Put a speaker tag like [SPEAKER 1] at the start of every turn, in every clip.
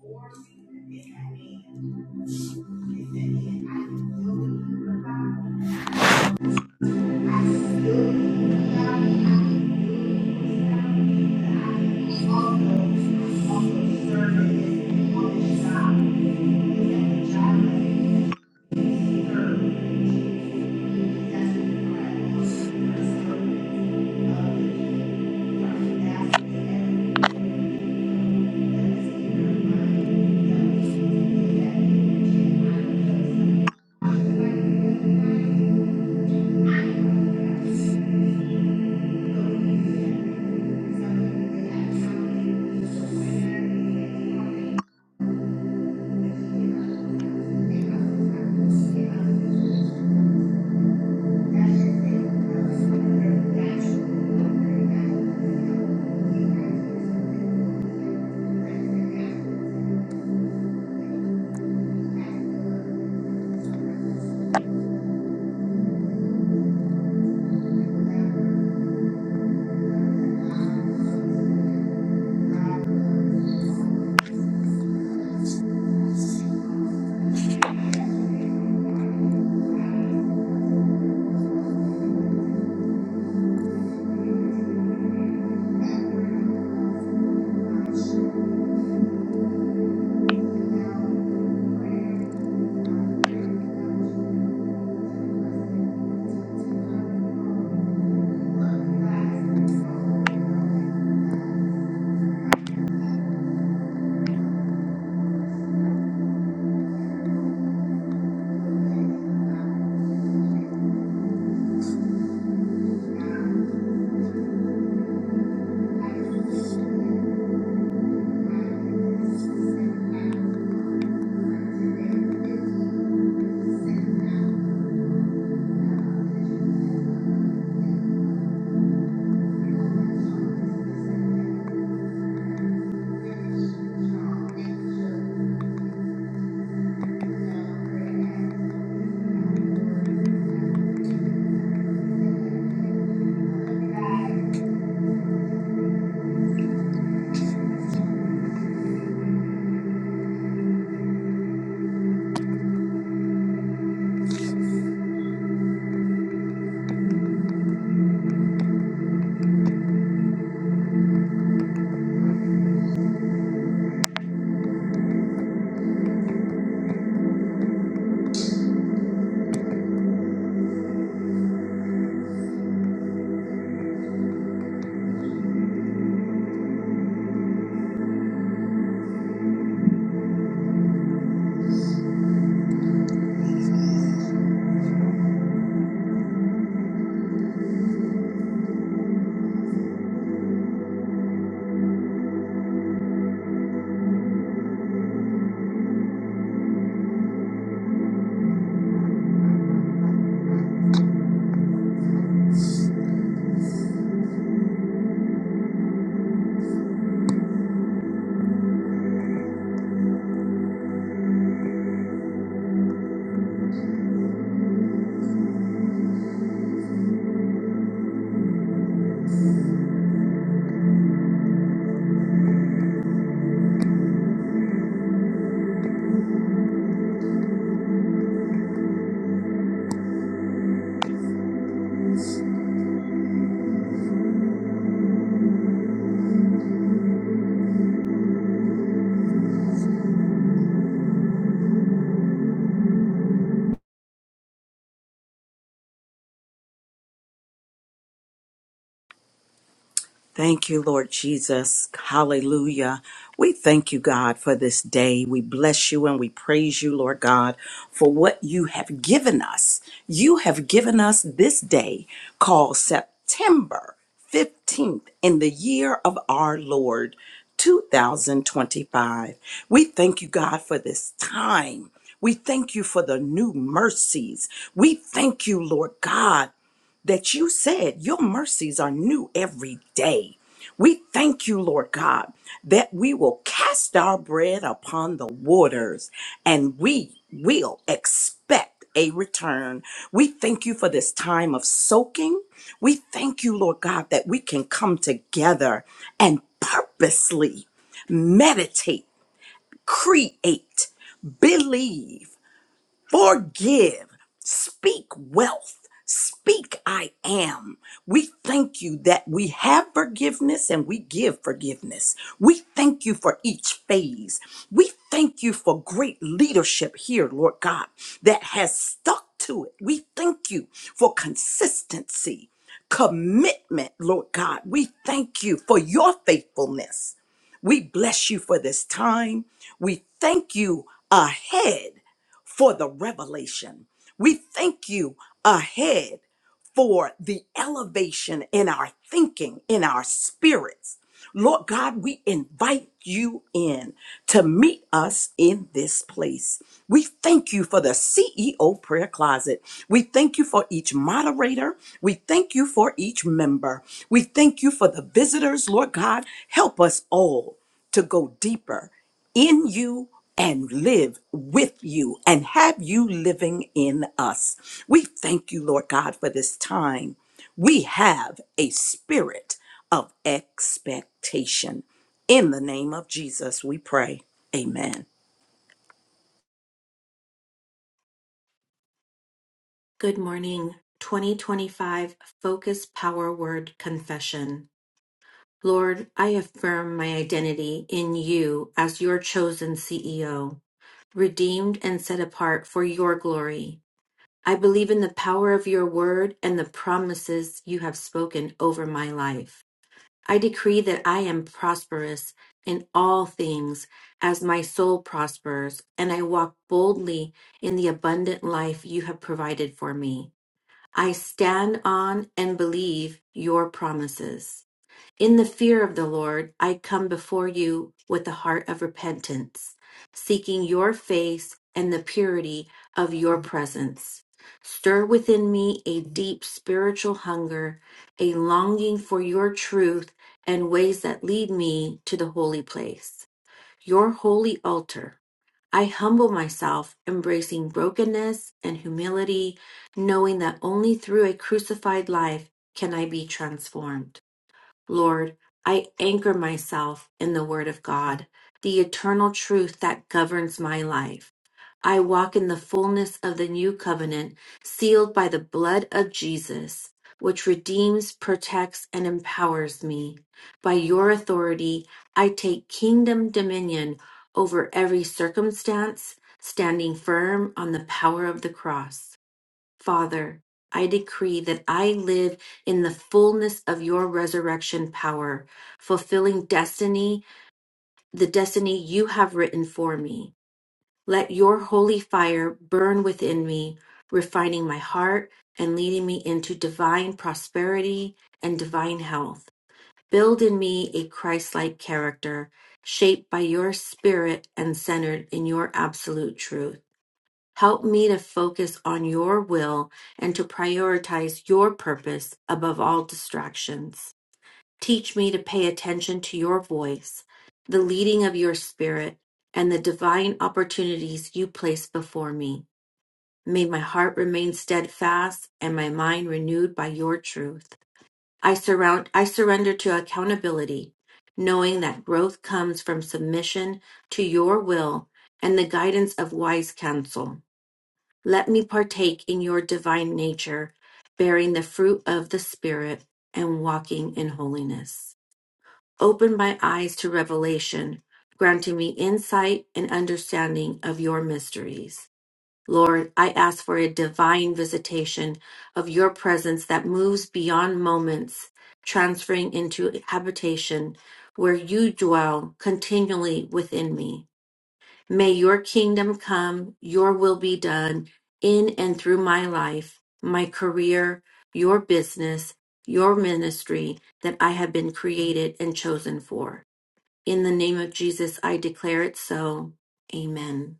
[SPEAKER 1] Thank you. Thank you. Thank you.
[SPEAKER 2] Thank you, Lord Jesus. Hallelujah. We thank you, God, for this day. We bless you and we praise you, Lord God, for what you have given us. You have given us this day called September 15th in the year of our Lord 2025. We thank you, God, for this time. We thank you for the new mercies. We thank you, Lord God that you said your mercies are new every day. We thank you, Lord God, that we will cast our bread upon the waters and we will expect a return. We thank you for this time of soaking. We thank you, Lord God, that we can come together and purposely meditate, create, believe Forgive. Speak wealth. Speak I am. We thank you that we have forgiveness and we give forgiveness. We thank you for each phase. We thank you for great leadership here, Lord God, that has stuck to it. We thank you for consistency, commitment, Lord God. We thank you for your faithfulness. We bless you for this time. We thank you ahead for the revelation. We thank you ahead for the elevation in our thinking, in our spirits. Lord God, we invite you in to meet us in this place. We thank you for the CEO prayer closet. We thank you for each moderator. We thank you for each member. We thank you for the visitors, Lord God. Help us all to go deeper in you and live with you and have you living in us. We thank you, Lord God, for this time. We have a spirit of expectation. In the name of Jesus, we pray. Amen.
[SPEAKER 3] Good morning. 2025 Focus Power Word Confession. Lord, I affirm my identity in you as your chosen CEO, redeemed and set apart for your glory. I believe in the power of your word and the promises you have spoken over my life. I decree that I am prosperous in all things as my soul prospers, and I walk boldly in the abundant life you have provided for me. I stand on and believe your promises. In the fear of the Lord, I come before you with a heart of repentance, seeking your face and the purity of your presence. Stir within me a deep spiritual hunger, a longing for your truth and ways that lead me to the holy place your holy altar. I humble myself, embracing brokenness and humility, knowing that only through a crucified life can I be transformed. Lord, I anchor myself in the Word of God, the eternal truth that governs my life. I walk in the fullness of the new covenant, sealed by the blood of Jesus, which redeems, protects, and empowers me. By your authority, I take kingdom dominion over every circumstance, standing firm on the power of the cross. Father, I decree that I live in the fullness of your resurrection power, fulfilling destiny, the destiny you have written for me. Let your holy fire burn within me, refining my heart and leading me into divine prosperity and divine health. Build in me a Christ like character, shaped by your spirit and centered in your absolute truth. Help me to focus on your will and to prioritize your purpose above all distractions. Teach me to pay attention to your voice, the leading of your spirit, and the divine opportunities you place before me. May my heart remain steadfast and my mind renewed by your truth. I surround I surrender to accountability, knowing that growth comes from submission to your will and the guidance of wise counsel. Let me partake in your divine nature, bearing the fruit of the Spirit and walking in holiness. Open my eyes to revelation, granting me insight and understanding of your mysteries. Lord, I ask for a divine visitation of your presence that moves beyond moments, transferring into habitation where you dwell continually within me. May your kingdom come, your will be done in and through my life, my career, your business, your ministry that I have been created and chosen for. In the name of Jesus, I declare it so. Amen.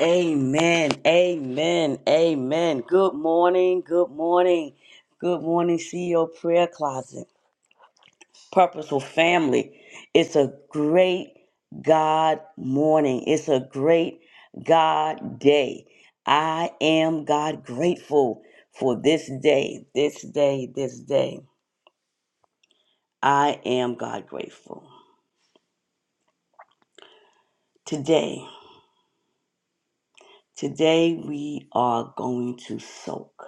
[SPEAKER 1] Amen. Amen. Amen. Good morning. Good morning. Good morning, CEO Prayer Closet. Purposeful Family. It's a great God morning. It's a great God day. I am God grateful for this day, this day, this day. I am God grateful. Today, today we are going to soak.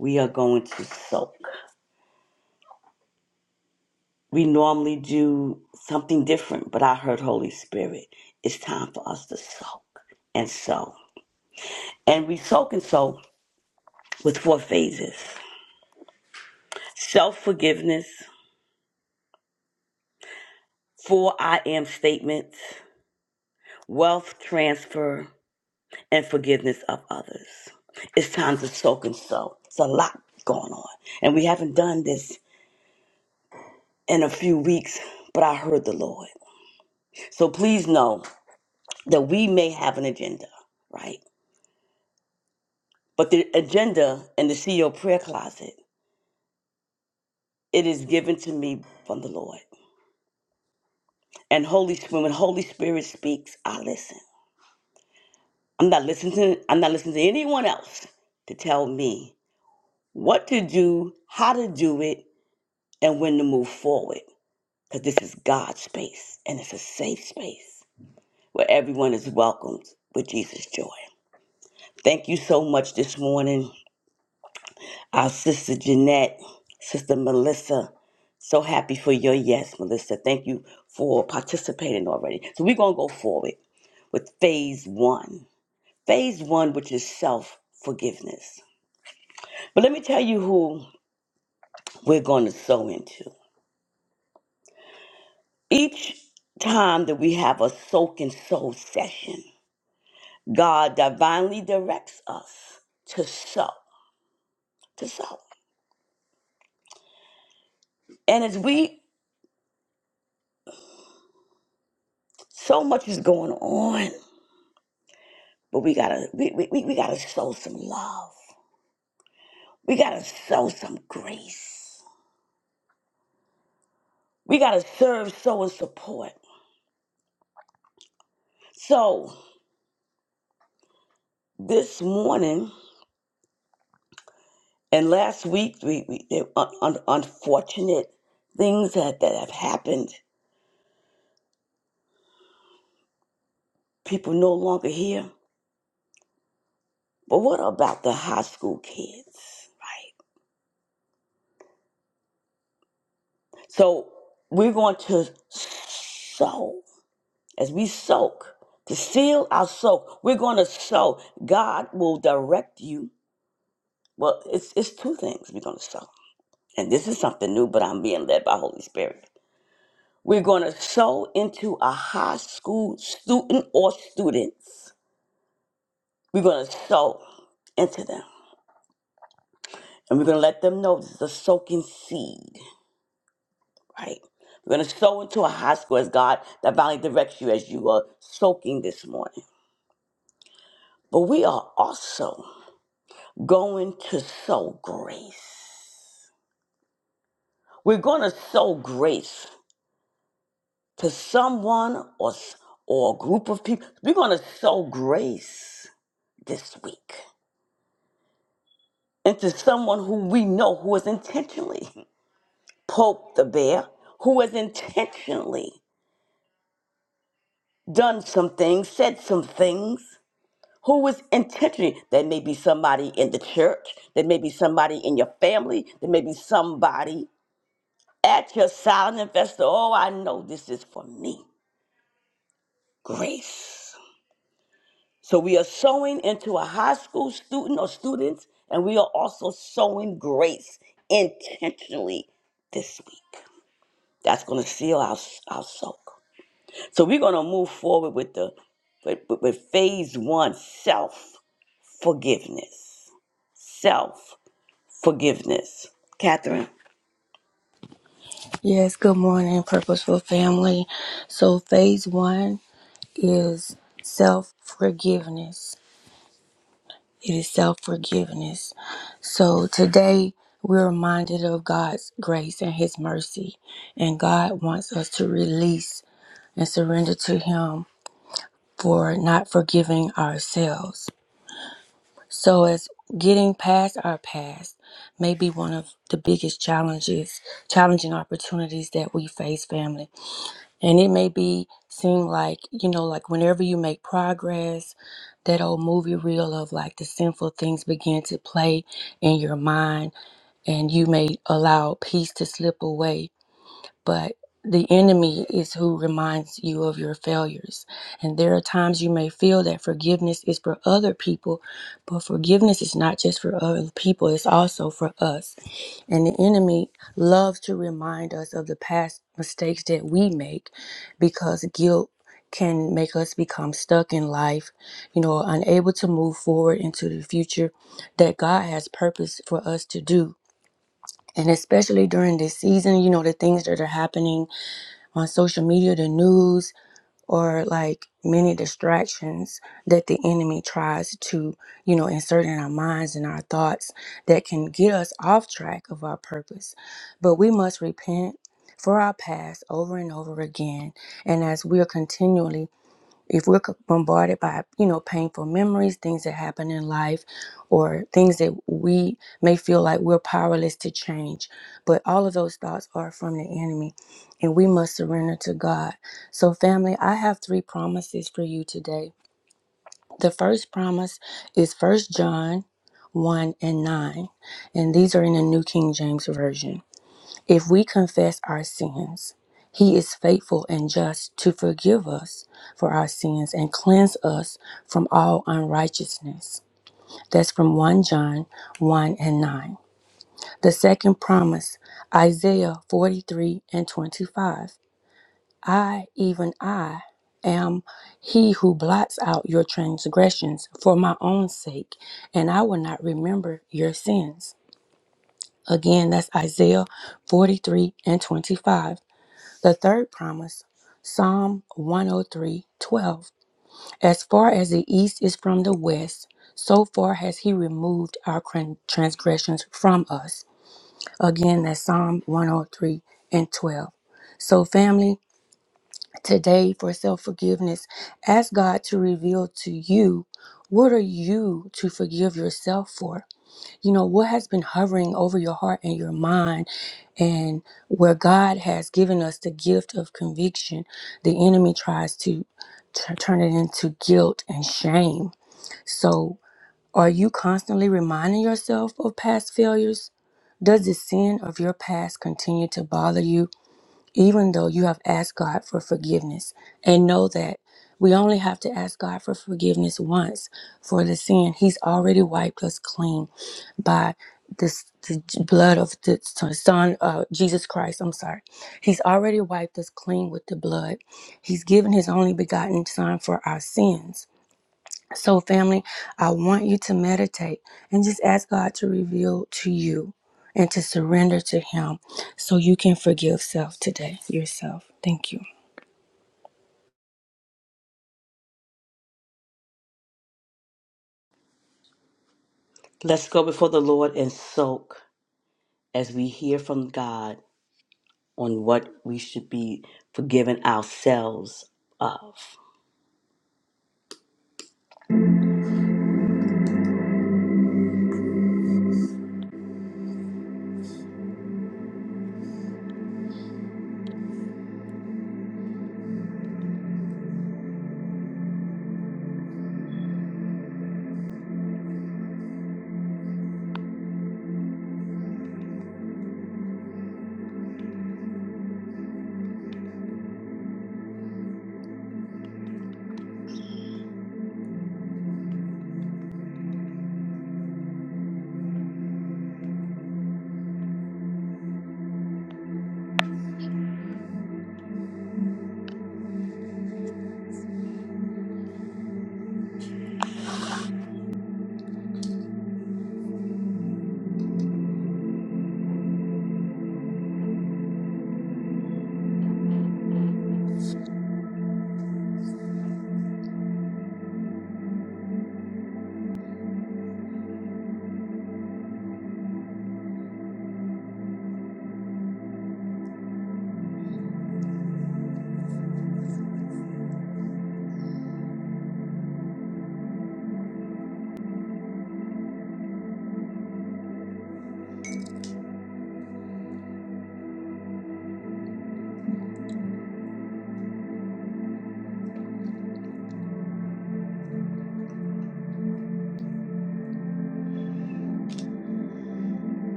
[SPEAKER 1] We are going to soak. we normally do something different, but I heard Holy Spirit, it's time for us to soak and sow. And we soak and sow with four phases self forgiveness, four I am statements, wealth transfer, and forgiveness of others. It's time to soak and sow. It's a lot going on. And we haven't done this in a few weeks, but I heard the Lord. So please know that we may have an agenda, right? But the agenda and the CEO prayer closet, it is given to me from the Lord. And Holy Spirit, when Holy Spirit speaks, I listen. I'm not listening to I'm not listening to anyone else to tell me what to do, how to do it, and when to move forward. Because this is God's space and it's a safe space where everyone is welcomed with Jesus' joy. Thank you so much this morning. Our sister Jeanette, sister Melissa, so happy for your yes, Melissa. Thank you for participating already. So we're going to go forward with phase one. Phase one, which is self forgiveness. But let me tell you who we're going to sow into. Each time that we have a soak and sow session, God divinely directs us to sow, to sow. And as we, so much is going on But we gotta we, we, we we gotta show some love. We gotta show some grace. We gotta serve, sow, and support. So this morning and last week, we, we there un, un, unfortunate things that, that have happened. People no longer here. But what about the high school kids, right? So we're going to sow as we soak to seal our soak. We're going to sow. God will direct you Well, it's it's two things we're going to sow, and this is something new, but I'm being led by Holy Spirit. We're going to sow into a high school student or students. We're going to sow into them, and we're going to let them know this is a soaking seed, right? We're going to sow into a high school as God divinely directs you as you are soaking this morning. But we are also going to sow grace. We're going to sow grace to someone or s- or a group of people. We're going to sow grace this week into someone who we know who has intentionally poked the bear, who has intentionally done some things, said some things, who was intentionally. There may be somebody in the church, there may be somebody in your family, there may be somebody at your silent investor. Oh, I know this is for me. Grace. So we are sowing into a high school student or students, and we are also sowing grace intentionally this week. That's going to seal our, our soak. So we're going to move forward with the with, with with phase one: self forgiveness. Self forgiveness. Catherine,
[SPEAKER 4] Yes, good morning, Purposeful Family. So, phase one is self forgiveness. It is self forgiveness. So, today we're reminded of God's grace and His mercy, and God wants us to release and surrender to Him for not forgiving ourselves. So, as getting past our past may be one of the biggest challenges, challenging opportunities that we face, family And it may be seem like, you know, like whenever you make progress, that old movie reel of like the sinful things begin to play in your mind and you may allow peace to slip away. But the enemy is who reminds you of your failures. And there are times you may feel that forgiveness is for other people, but forgiveness is not just for other people, it's also for us. And the enemy loves to remind us of the past mistakes that we make because guilt can make us become stuck in life, you know, unable to move forward into the future that God has purpose for us to do. And especially during this season, you know, the things that are happening on social media, the news, or like many distractions that the enemy tries to, you know, insert in our minds and our thoughts that can get us off track of our purpose. But we must repent for our past over and over again. And as we are continually if we're c- bombarded by you know painful memories things that happen in life or things that we may feel like we're powerless to change but all of those thoughts are from the enemy and we must surrender to god so family i have three promises for you today the first promise is first john 1 and 9 and these are in the new king james version if we confess our sins, he is faithful and just to forgive us for our sins and cleanse us from all unrighteousness. That's from 1 John 1 and 9. The second promise, Isaiah 43 and 25. I, even I, am he who blots out your transgressions for my own sake, and I will not remember your sins. Again, that's Isaiah 43 and 25. The third promise, Psalm one o three twelve. As far as the east is from the west, so far has he removed our cran- transgressions from us. Again, that's Psalm 103 and 12. So, family, today for self forgiveness, ask God to reveal to you what are you to forgive yourself for? you know what has been hovering over your heart and your mind and where god has given us the gift of conviction the enemy tries to t- turn it into guilt and shame so are you constantly reminding yourself of past failures does the sin of your past continue to bother you even though you have asked God for forgiveness, and know that we only have to ask God for forgiveness once for the sin. He's already wiped us clean by this, the blood of the Son, uh, Jesus Christ. I'm sorry. He's already wiped us clean with the blood. He's given His only begotten Son for our sins. So, family, I want you to meditate and just ask God to reveal to you and to surrender to Him so you can forgive self today, yourself. Thank you.
[SPEAKER 1] let's go before the Lord and soak as we hear from God on what we should be forgiving ourselves of.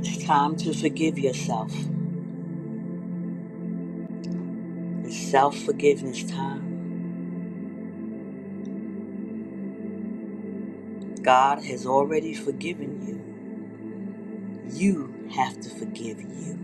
[SPEAKER 1] It's time to forgive yourself. It's self forgiveness time. God has already forgiven you. You have to forgive you.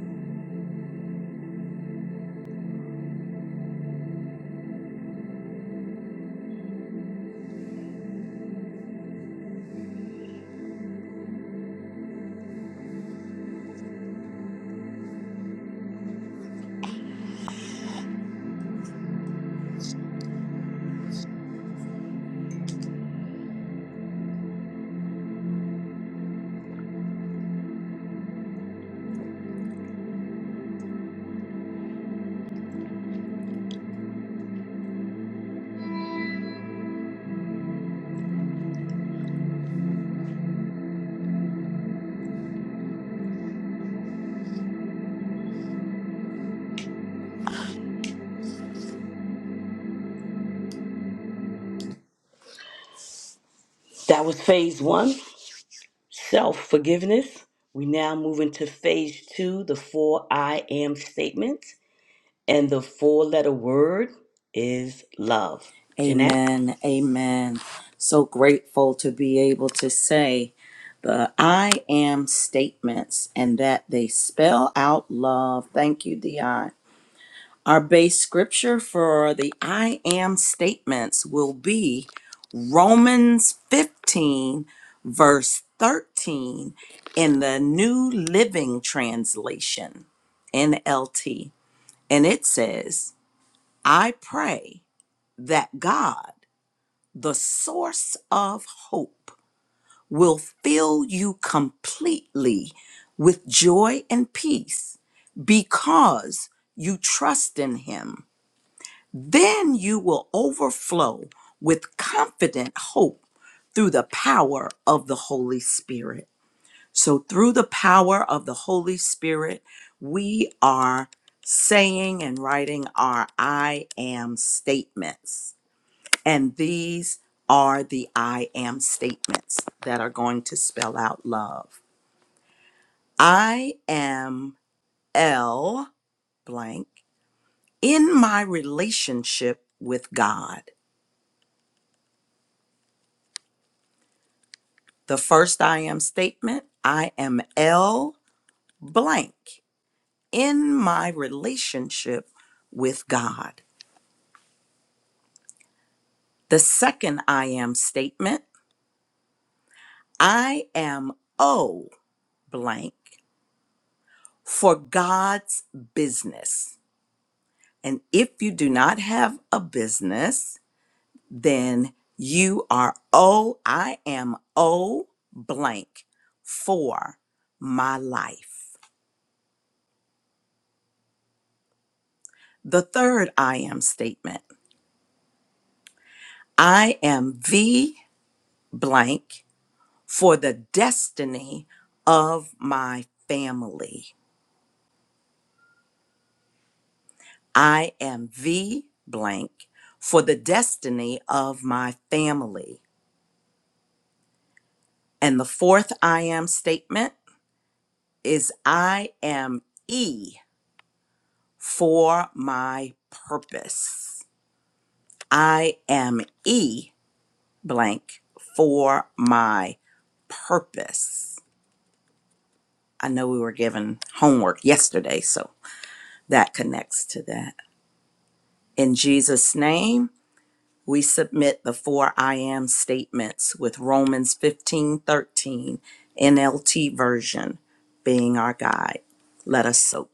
[SPEAKER 1] That was phase one self forgiveness. We now move into phase two the four I am statements. And the four letter word is love. Jeanette?
[SPEAKER 2] Amen. Amen. So grateful to be able to say the I am statements and that they spell out love. Thank you, Dion. Our base scripture for the I am statements will be Romans 15, verse 13 in the New Living Translation, NLT. And it says, I pray that God, the source of hope, will fill you completely with joy and peace because you trust in Him. Then you will overflow with confident hope through the power of the Holy Spirit. So, through the power of the Holy Spirit, we are saying and writing our I am statements. And these are the I am statements that are going to spell out love. I am L blank in my relationship with God. The first I am statement I am L blank in my relationship with God. The second I am statement I am O blank for God's business. And if you do not have a business, then you are O, I am O blank for my life. The third I am statement I am V blank for the destiny of my family. I am V blank for the destiny of my family. And the fourth I am statement is I am E for my purpose. I am E blank for my purpose. I know we were given homework yesterday, so that connects to that. In Jesus' name, we submit the four I am statements with Romans 15 13 NLT version being our guide. Let us soak.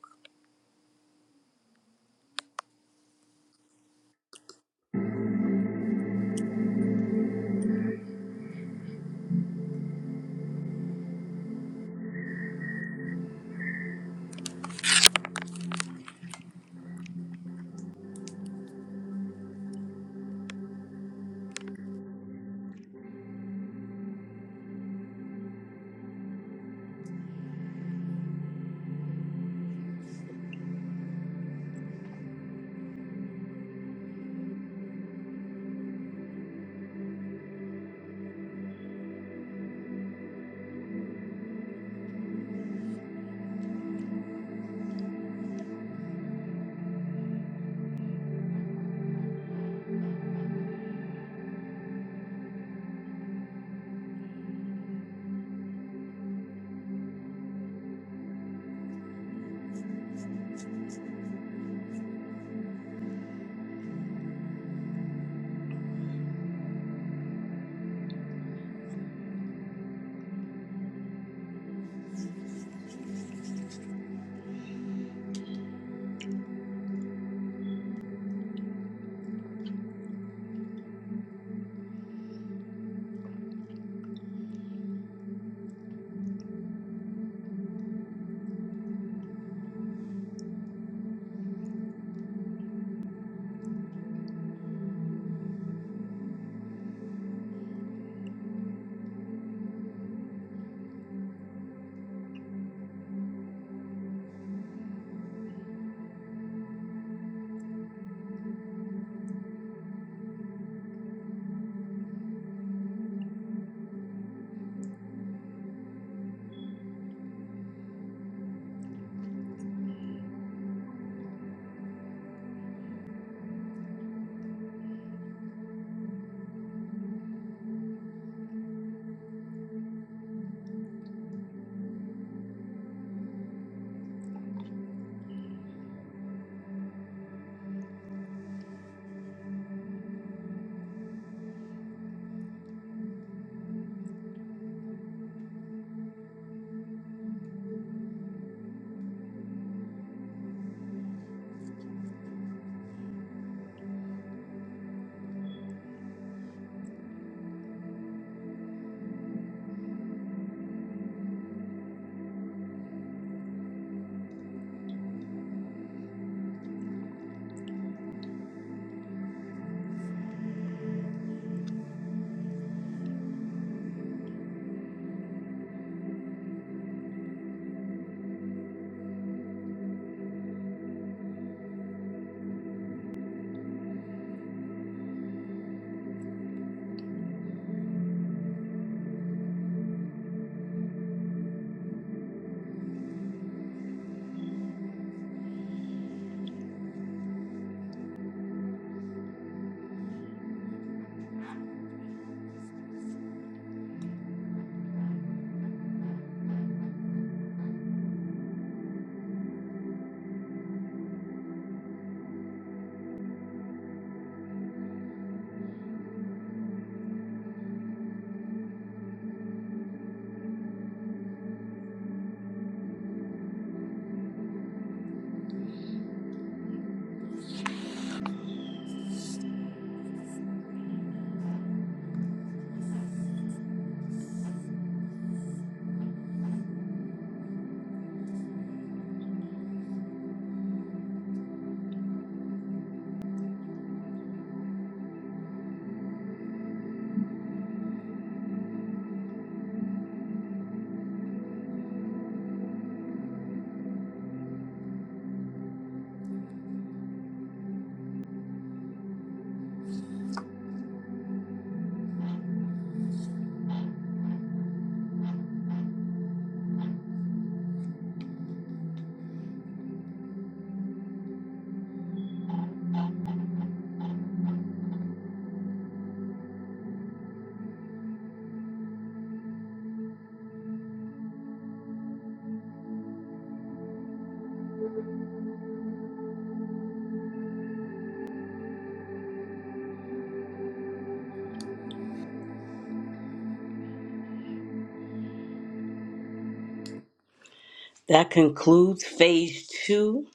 [SPEAKER 1] That concludes phase two,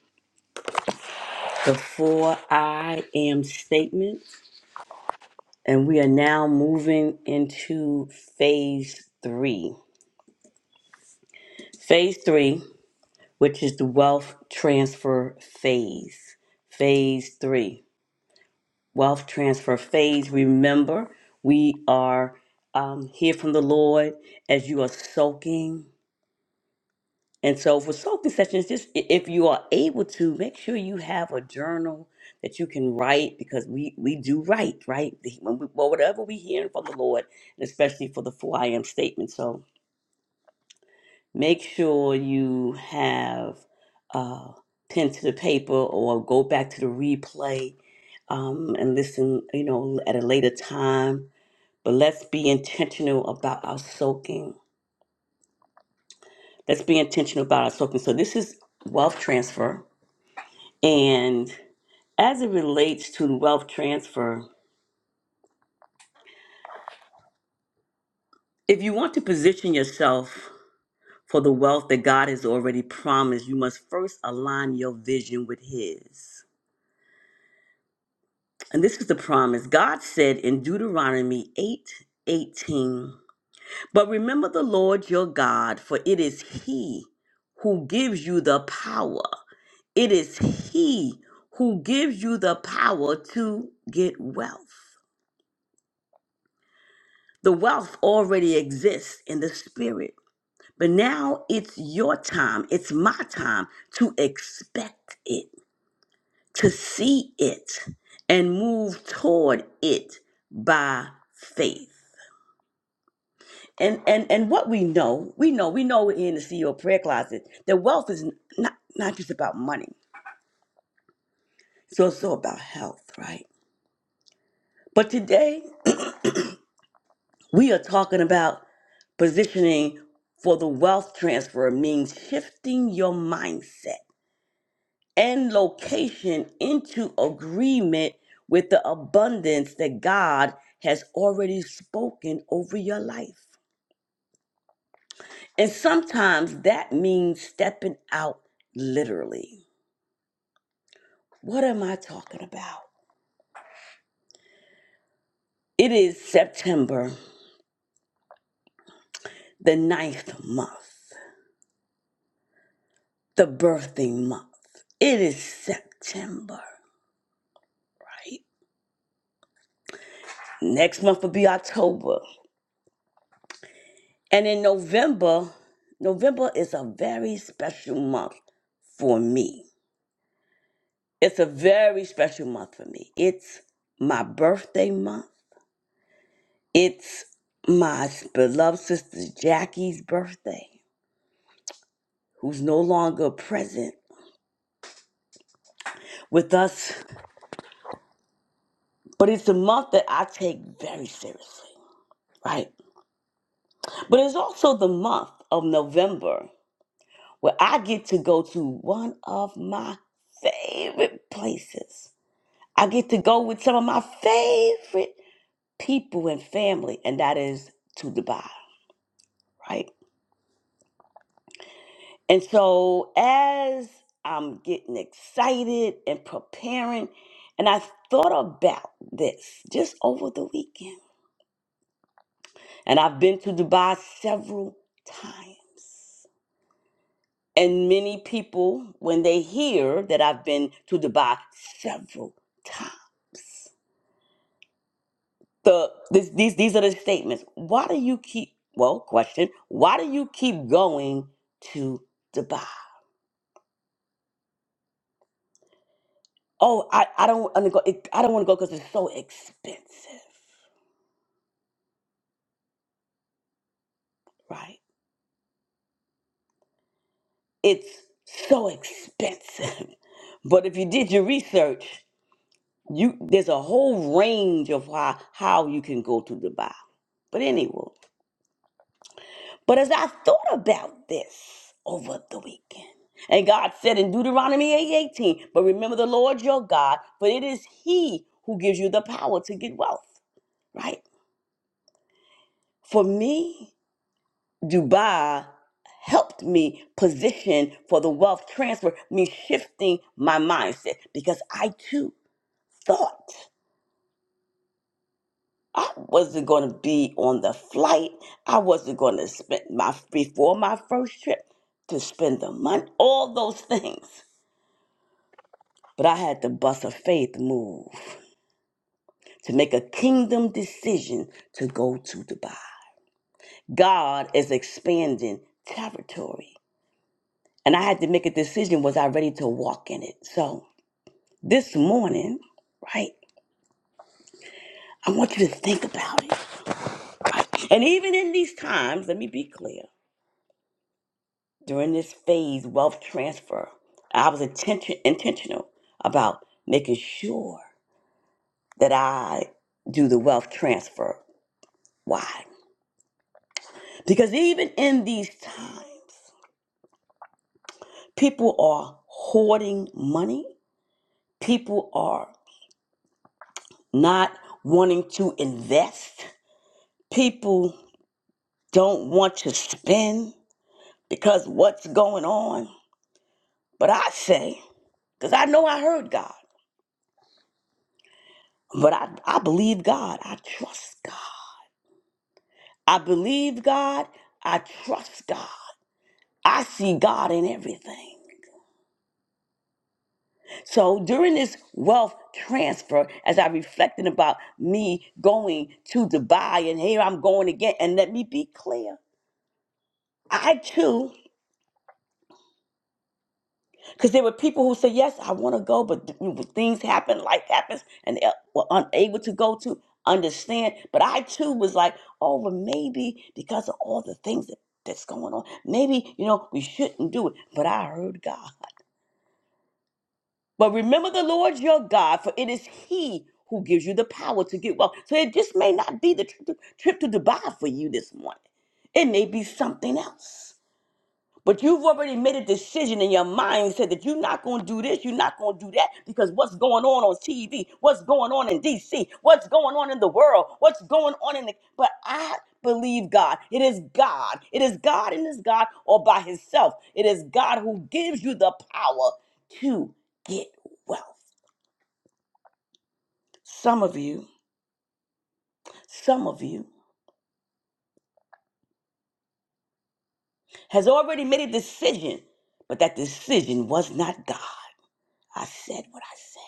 [SPEAKER 1] the four I am statements. and we are now moving into phase three. Phase three, which is the wealth transfer phase. Phase three, wealth transfer phase. Remember, we are um, here from the Lord as you are soaking. And so, for soaking sessions, just i- if you are able to, make sure you have a journal that you can write because we, we do write, right? The- When we, well, whatever we hear from the Lord, especially for the 4 I am statement. So, make sure you have uh, pen to the paper or go back to the replay um, and listen, you know, at a later time. But let's be intentional about our soaking. Let's be intentional about our soaking. So this is wealth transfer. And as it relates to wealth transfer, if you want to position yourself for the wealth that God has already promised, you must first align your vision with His. And this is the promise. God said in Deuteronomy 8 18. But remember the Lord your God, for it is He who gives you the power. It is He who gives you the power to get wealth. The wealth already exists in the spirit, but now it's your time, it's my time to expect it, to see it, and move toward it by faith. and and and what we know, we know, we know we're in the CEO prayer closet that wealth is not not just about money. It's also about health, right? But today we are talking about positioning for the wealth transfer means shifting your mindset and location into agreement with the abundance that God has already spoken over your life. And sometimes that means stepping out literally. What am I talking about? It is September, the ninth month, the birthing month. It is September, right? Next month will be October. And in November, November is a very special month for me. It's a very special month for me. It's my birthday month. It's my beloved sister Jackie's birthday, who's no longer present with us But it's a month that I take very seriously, right? But it's also the month of November where I get to go to one of my favorite places. I get to go with some of my favorite people and family, and that is to Dubai, right? And so as I'm getting excited and preparing, and I thought about this just over the weekend, and I've been to Dubai several times. And many people, when they hear that I've been to Dubai several times, the this, these these are the statements. Why do you keep? Well, question. Why do you keep going to Dubai? Oh, I I don't wanna go. It, I don't want to go because it's so expensive, right? It's so expensive. but if you did your research, you there's a whole range of how how you can go to Dubai. But anyway. But as I thought about this over the weekend, and God said in Deuteronomy 8:18, but remember the Lord your God, for it is He who gives you the power to get wealth, right? For me, Dubai helped me position for the wealth transfer, me shifting my mindset because I too thought I wasn't going to be on the flight. I wasn't going to spend my before my first trip to spend the money, all those things. But I had to bust a faith move to make a kingdom decision to go to Dubai. God is expanding territory. And I had to make a decision was I ready to walk in it? So this morning, right, I want you to think about it. Right? And even in these times, let me be clear during this phase wealth transfer, I was attention, intentional about making sure that I do the wealth transfer. Why? Because even in these times, people are hoarding money, people are not wanting to invest, people don't want to spend because what's going on. But I say, because I know I heard God, but I, I believe God, I trust God. I believe God, I trust God. I see God in everything. So during this wealth transfer, as I reflected about me going to Dubai and here I'm going again, and let me be clear. I too, because there were people who said, Yes, I want to go, but th- you things happen, life happens, and they uh, were unable to go to understand. But I too was like, Oh, but maybe because of all the things that, that's going on, maybe, you know, we shouldn't do it. But I heard God. But remember the Lord your God, for it is He who gives you the power to get well. So it just may not be the trip to, trip to Dubai for you this morning. It may be something else. But you've already made a decision in your mindset that you're not going to do this, you're not going to do that, because what's going on on TV, what's going on in DC, what's going on in the world, what's going on in the. But I believe God. It is God. It is God and it's God all by Himself. It is God who gives you the power to get wealth. Some of you, some of you has already made a decision, but that decision was not God. I said what I said.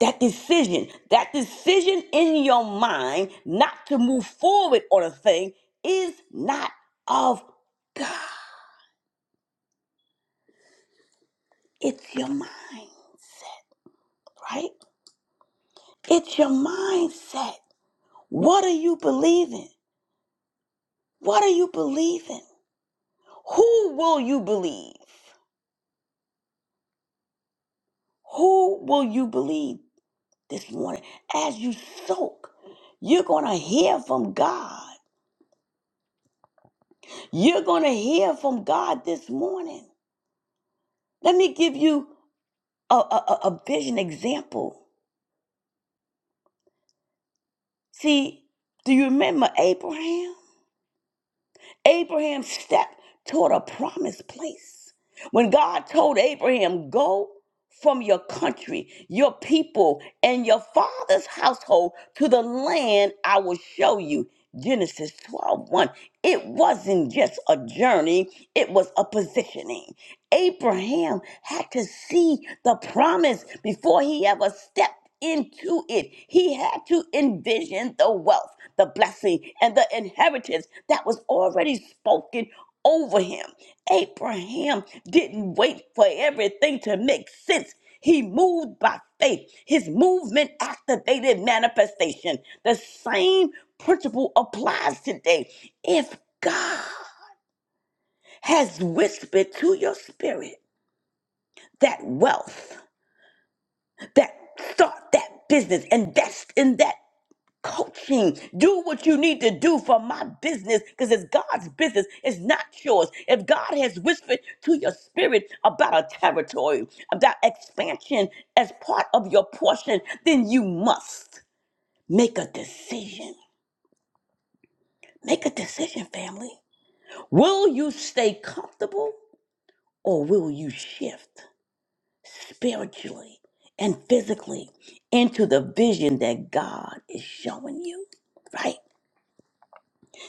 [SPEAKER 1] that decision, that decision in your mind not to move forward on a thing is not of God. It's your mindset, right? It's your mindset. What are you believing? What are you believing? Who will you believe? Who will you believe this morning? As you soak, you're going to hear from God. You're going to hear from God this morning. Let me give you a, a, a vision example. See, do you remember Abraham? Abraham stepped toward a promised place. When God told Abraham, Go from your country, your people, and your father's household to the land I will show you. Genesis twelve one. It wasn't just a journey, it was a positioning. Abraham had to see the promise before he ever stepped into it. He had to envision the wealth, the blessing, and the inheritance that was already spoken over him. Abraham didn't wait for everything to make sense. He moved by faith. His movement activated manifestation. The same principle applies today. If God has whispered to your spirit that wealth, that start that business, invest in that coaching. Do what you need to do for my business because it's God's business. It's not yours. If God has whispered to your spirit about a territory, about expansion as part of your portion, then you must make a decision. Make a decision, family. Will you stay comfortable or will you shift spiritually and physically into the vision that God is showing you? Right?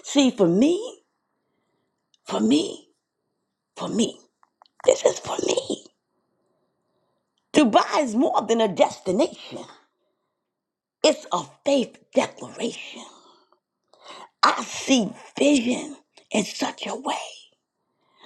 [SPEAKER 1] See, for me, for me. for me. This is for me. Dubai is more than a destination, it's a faith declaration. I see vision in such a way.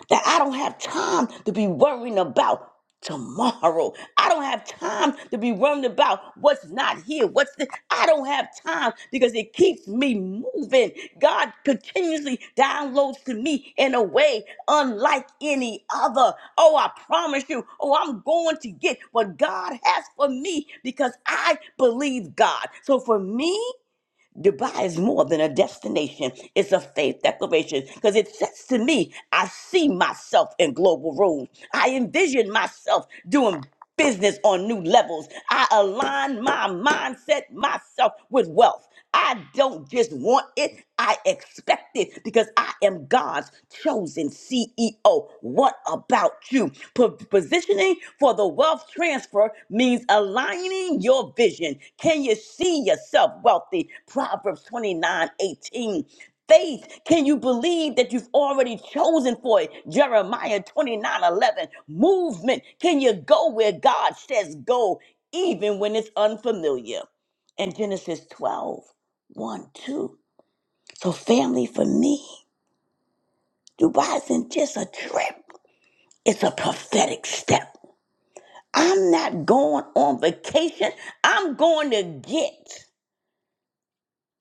[SPEAKER 1] that I don't have time to be worrying about tomorrow. I don't have time to be worrying about what's not here. What's the I don't have time because it keeps me moving. God continuously downloads to me in a way unlike any other. Oh, I promise you. Oh, I'm going to get what God has for me because I believe God. So for me, Dubai is more than a destination. It's a faith declaration because it says to me, I see myself in global roles. I envision myself doing business on new levels. I align my mindset, myself with wealth. I don't just want it, I expect it because I am God's chosen CEO. What about you. Po- Positioning for the wealth transfer means aligning your vision. Can you see yourself wealthy? Proverbs 29 18. Faith, can you believe that you've already chosen for it? Jeremiah 29 11. Movement, can you go where God says go, even when it's unfamiliar? And Genesis twelve one, 2. So, family for me, Dubai isn't just a trip. It's a prophetic step. I'm not going on vacation. I'm going to get.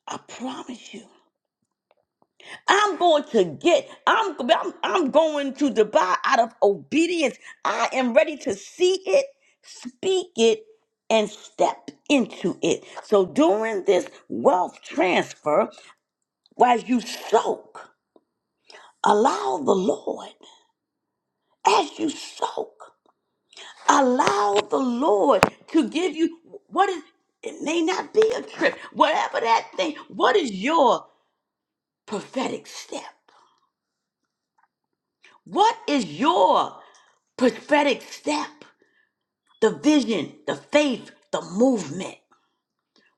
[SPEAKER 1] I promise you. I'm going to get. I'm, I'm, I'm going to Dubai out of obedience. I am ready to see it, speak it, and step into it. So during this wealth transfer, while you soak, allow the Lord as you soak. Allow the Lord to give you what is it may not be a trip, whatever that thing. What is your prophetic step? What is your prophetic step? The vision, the faith, the movement.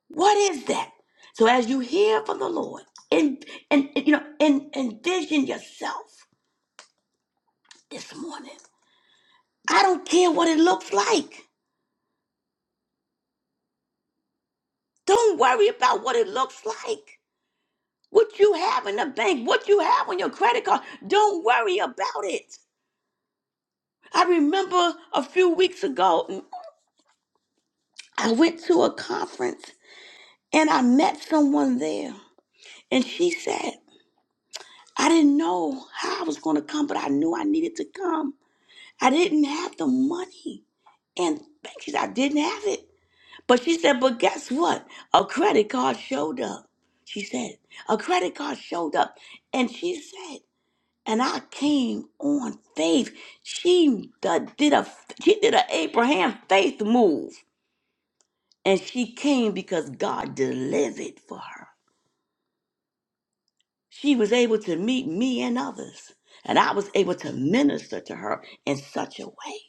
[SPEAKER 1] What is that? So as you hear from the Lord, and and you know, and envision yourself this morning. I don't care what it looks like. Don't worry about what it looks like. What you have in the bank, what you have on your credit card, don't worry about it. I remember a few weeks ago, I went to a conference and I met someone there. And she said, I didn't know how I was going to come, but I knew I needed to come. I didn't have the money. And she said, I didn't have it. But she said, but guess what? A credit card showed up. She said, a credit card showed up. And she said, and I came on faith. She d- did a she did an Abraham faith move, and she came because God delivered for her. She was able to meet me and others, and I was able to minister to her in such a way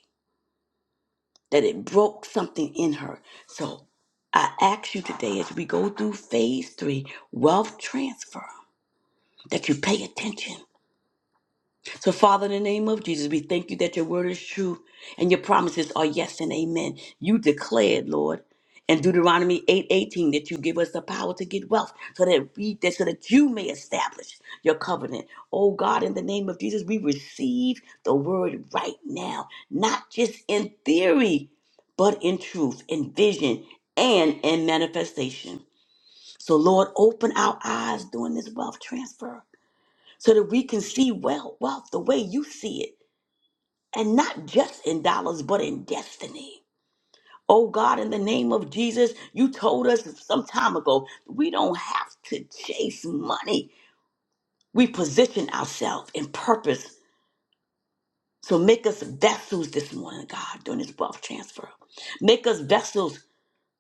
[SPEAKER 1] that it broke something in her. So I ask you today, as we go through phase three, wealth transfer, that you pay attention So, Father, in the name of Jesus, we thank you that your word is true and your promises are yes and amen. You declared, Lord, in Deuteronomy 8 18, that you give us the power to get wealth so that we that so that you may establish your covenant. Oh God, in the name of Jesus, we receive the word right now, not just in theory, but in truth, in vision, and in manifestation. So, Lord, open our eyes during this wealth transfer so that we can see well wealth the way you see it and not just in dollars but in destiny oh god in the name of jesus you told us some time ago we don't have to chase money we position ourselves in purpose so make us vessels this morning god during this wealth transfer make us vessels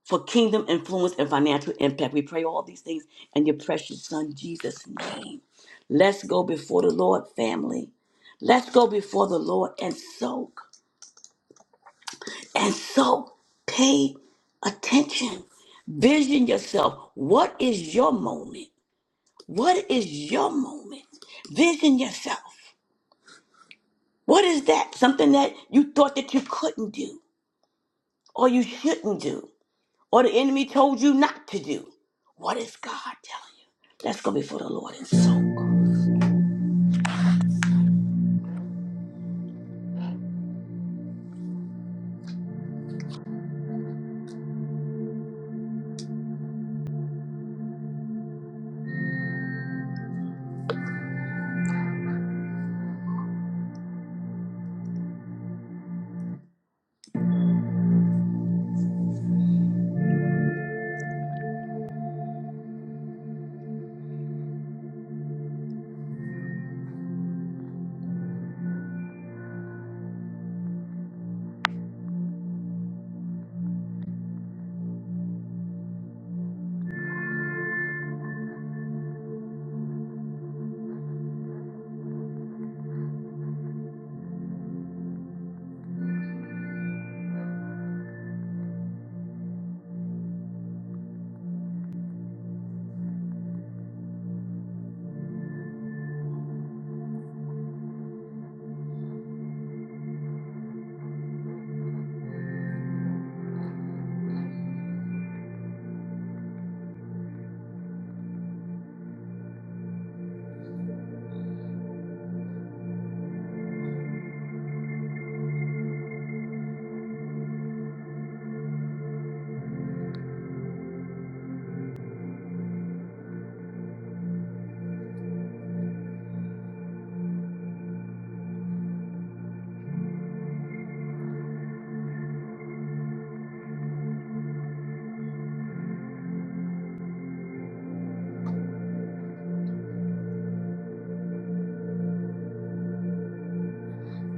[SPEAKER 1] for kingdom influence and financial impact. We pray all these things in your precious Son, Jesus' name. Let's go before the Lord, family. Let's go before the Lord and soak. And so pay attention. Vision yourself. What is your moment? What is your moment? Vision yourself. What is that? Something that you thought that you couldn't do or you shouldn't do. or the enemy told you not to do. What is God telling you? Let's go before the Lord and soak.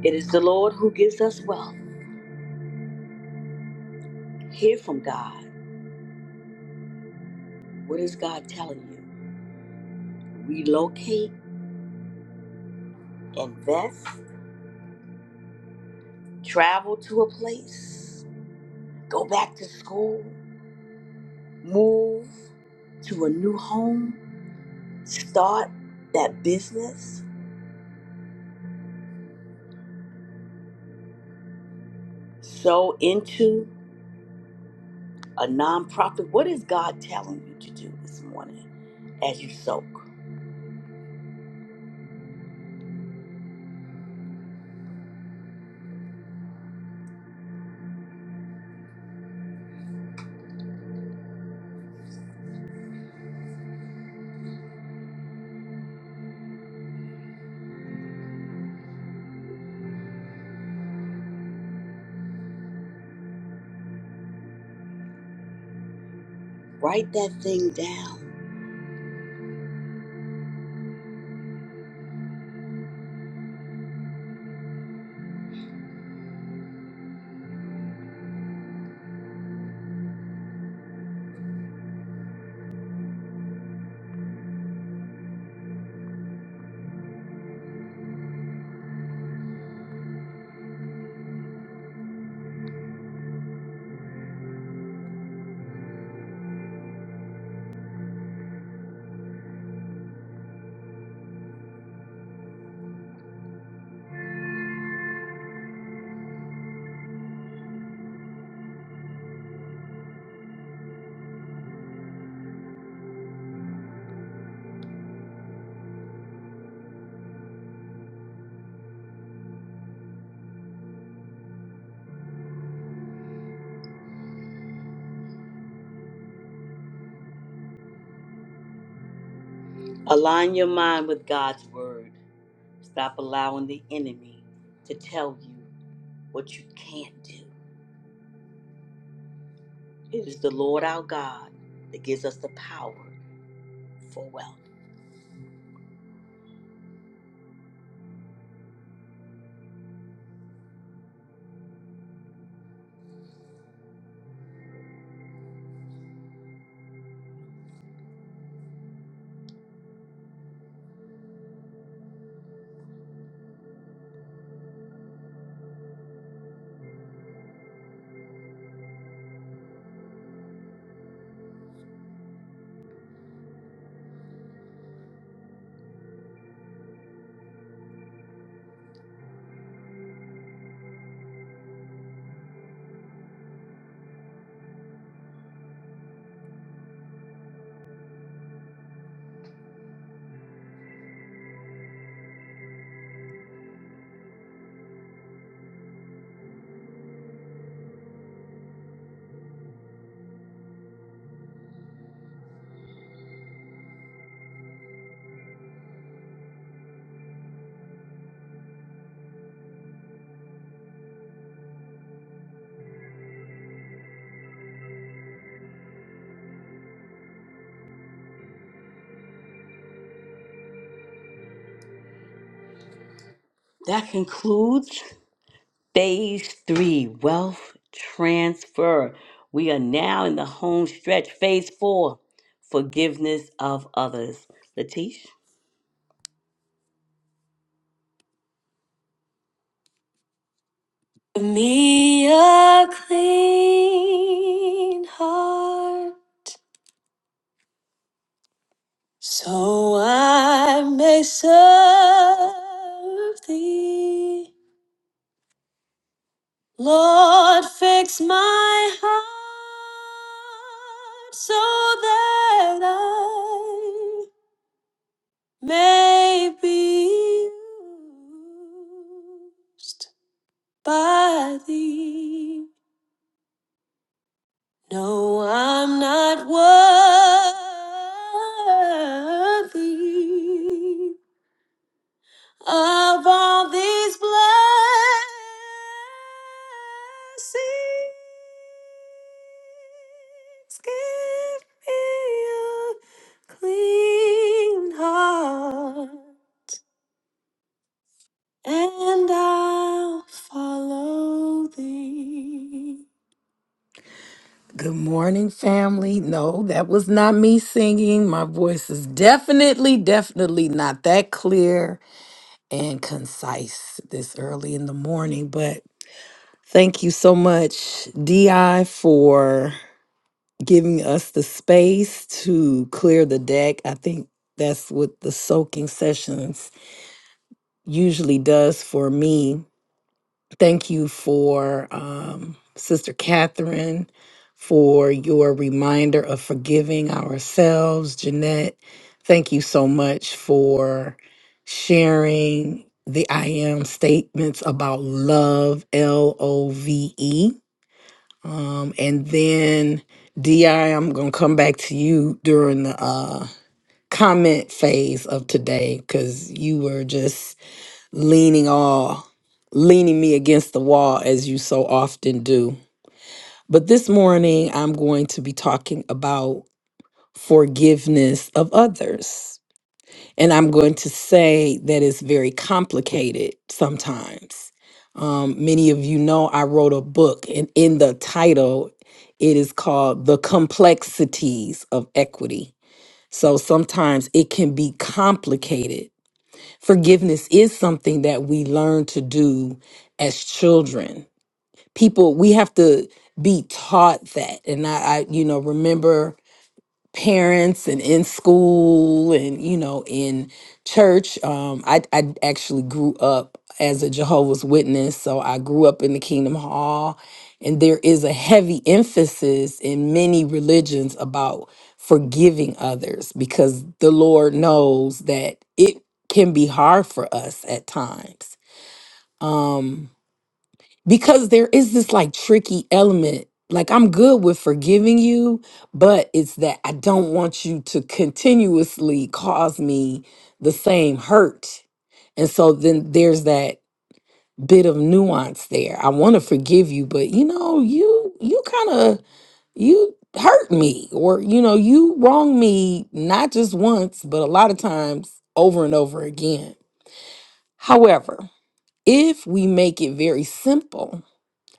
[SPEAKER 1] It is the Lord who gives us wealth. Hear from God. What is God telling you? Relocate, invest, travel to a place, go back to school, move to a new home, start that business, sow into a nonprofit. What is God telling you to do this morning as you soak? Write that thing down Align your mind with God's word. Stop allowing the enemy to tell you what you can't do. It is the Lord our God that gives us the power for wealth. That concludes phase three wealth transfer. We are now in the home stretch. Phase four forgiveness of others. Latish?
[SPEAKER 5] Give me a clean heart so I may serve thee. Lord, fix my heart so that I may be used by thee. No, I'm not worthy of all these blessings. Give me a clean heart, and I'll follow thee. Good morning, family. No, that was not me singing. My voice is definitely, definitely not that clear and concise this early in the morning. But thank you so much, DI, for giving us the space to clear the deck. I think that's what the soaking sessions usually does for me Thank you for um, Sister Catherine for your reminder of forgiving ourselves. Jeanette, thank you so much for sharing the I am statements about love, L O V E. Um, and then, Di, I'm going to come back to you during the uh, comment phase of today because you were just leaning all leaning me against the wall as you so often do but this morning i'm going to be talking about forgiveness of others and i'm going to say that it's very complicated sometimes um, many of you know i wrote a book and in the title it is called the complexities of equity so sometimes it can be complicated Forgiveness is something that we learn to do as children. People, we have to be taught that. And I, I you know, remember parents and in school and you know in church um I I actually grew up as a Jehovah's Witness so I grew up in the Kingdom Hall and there is a heavy emphasis in many religions about forgiving others because the Lord knows that it can be hard for us at times Um, because there is this like tricky element. Like I'm good with forgiving you, but it's that I don't want you to continuously cause me the same hurt. And so then there's that bit of nuance there. I want to forgive you, but you know, you you kind of you hurt me or you know, you wrong me not just once, but a lot of times over and over again. However, if we make it very simple,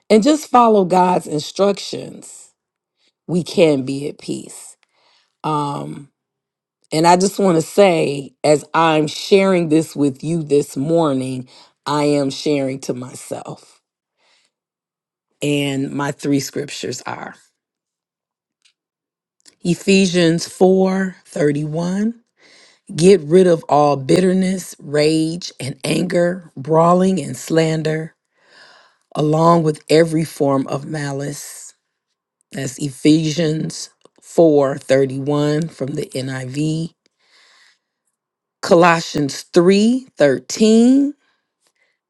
[SPEAKER 5] and just follow God's instructions, we can be at peace. Um, and I just want to say, as I'm sharing this with you this morning, I am sharing to myself. And my three scriptures are Ephesians 4 31: Get rid of all bitterness, rage, and anger, brawling and slander, along with every form of malice. That's Ephesians 4:31 from the NIV. Colossians 3:13,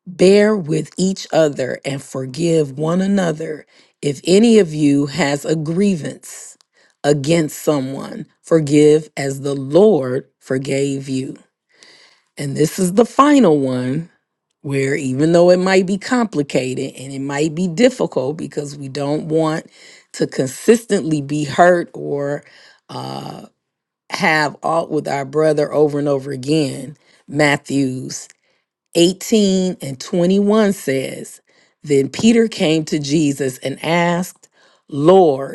[SPEAKER 5] bear with each other and forgive one another if any of you has a grievance against someone. Forgive as the Lord forgave you. And this is the final one where, even though it might be complicated and it might be difficult because we don't want to consistently be hurt or uh, have aught with our brother over and over again, Matthews 18 and 21 says, Then Peter came to Jesus and asked, 'Lord,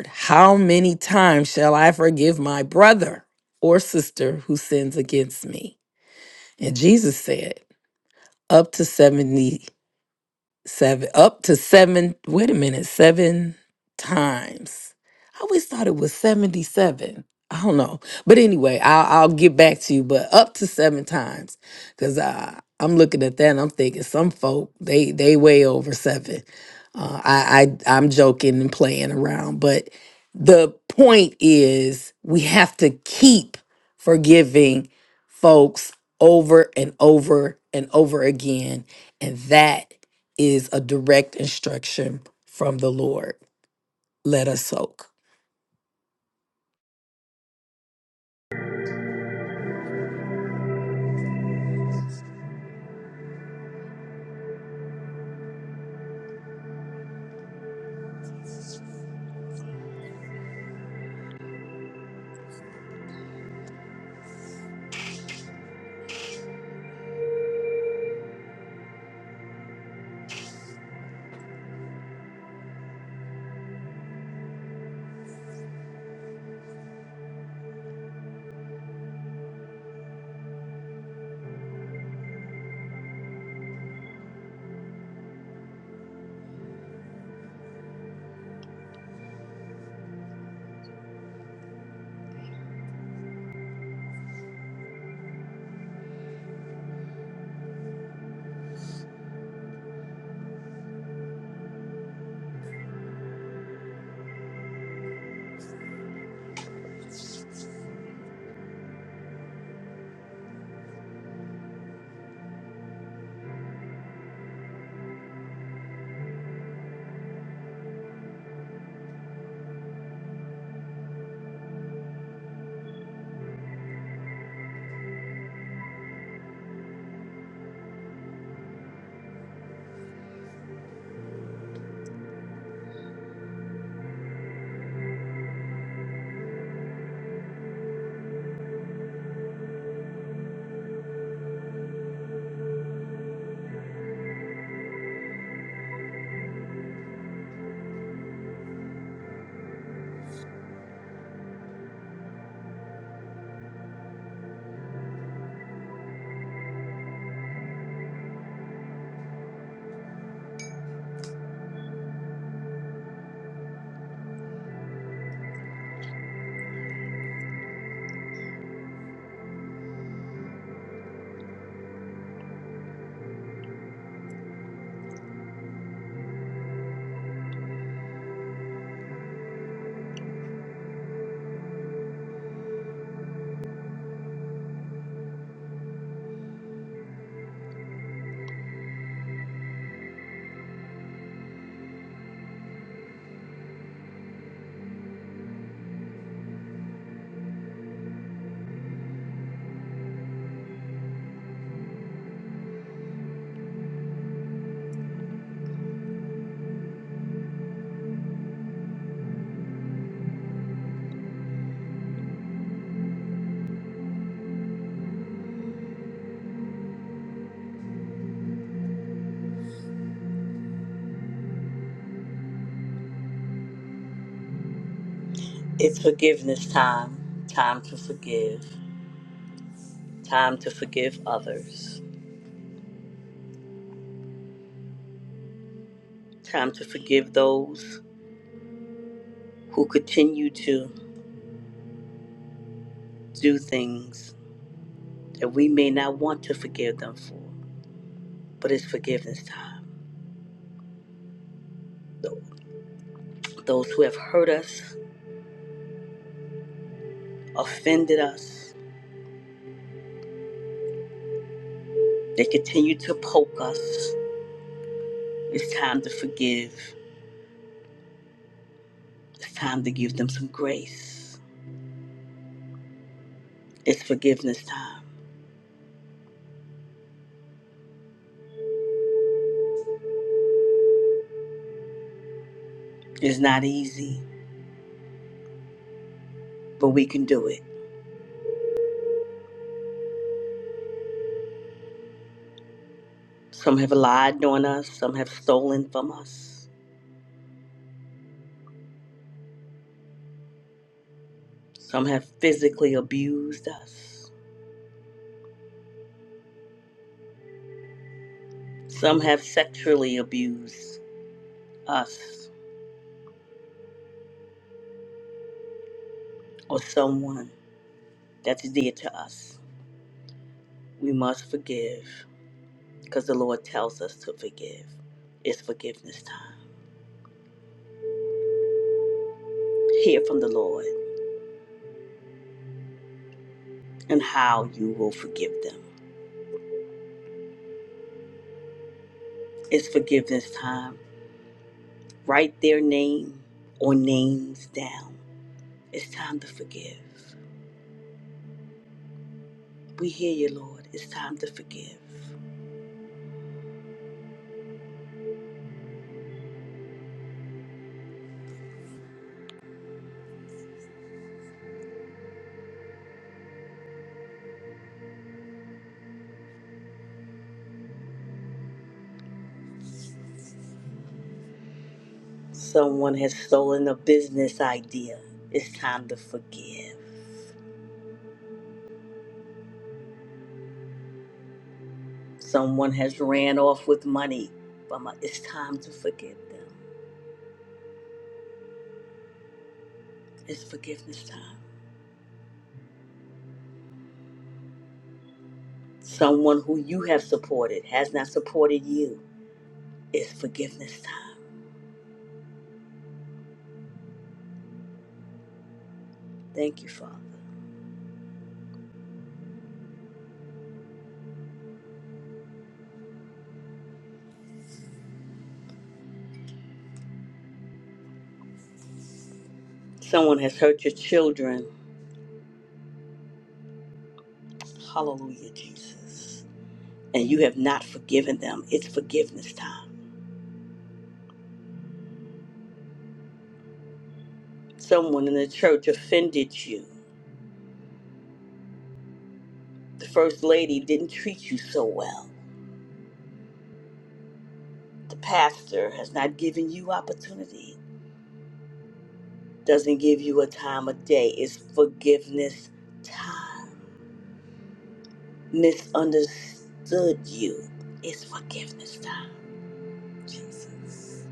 [SPEAKER 5] how many times shall I forgive my brother or sister who sins against me? And Jesus said, up to 70 seven up to seven wait a minute seven times i always thought it was 77 i don't know but anyway i'll, I'll get back to you but up to seven times because uh, i'm looking at that and i'm thinking some folk they they way over seven uh, I, I i'm joking and playing around but the point is we have to keep forgiving folks over and over and over again and that is a direct instruction from the Lord. Let us soak.
[SPEAKER 1] It's forgiveness time. Time to forgive. Time to forgive others. Time to forgive those who continue to do things that we may not want to forgive them for, but it's forgiveness time. Those who have hurt us, offended us, they continue to poke us. It's time to forgive. It's time to give them some grace. It's forgiveness time. It's not easy, but we can do it. Some have lied on us, some have stolen from us, some have physically abused us, some have sexually abused us. or someone that's dear to us, we must forgive because the Lord tells us to forgive. It's forgiveness time. Hear from the Lord and how you will forgive them. It's forgiveness time. Write their name or names down. It's time to forgive. We hear you, Lord. It's time to forgive. Someone has stolen a business idea. It's time to forgive. Someone has ran off with money. But my- it's time to forgive them. It's forgiveness time. Someone who you have supported has not supported you. It's forgiveness time. Thank you, Father. Someone has hurt your children. Hallelujah, Jesus. And you have not forgiven them. It's forgiveness time. Someone in the church offended you. The first lady didn't treat you so well. The pastor has not given you opportunity, doesn't give you a time of day. It's forgiveness time. misunderstood you. It's forgiveness time, Jesus.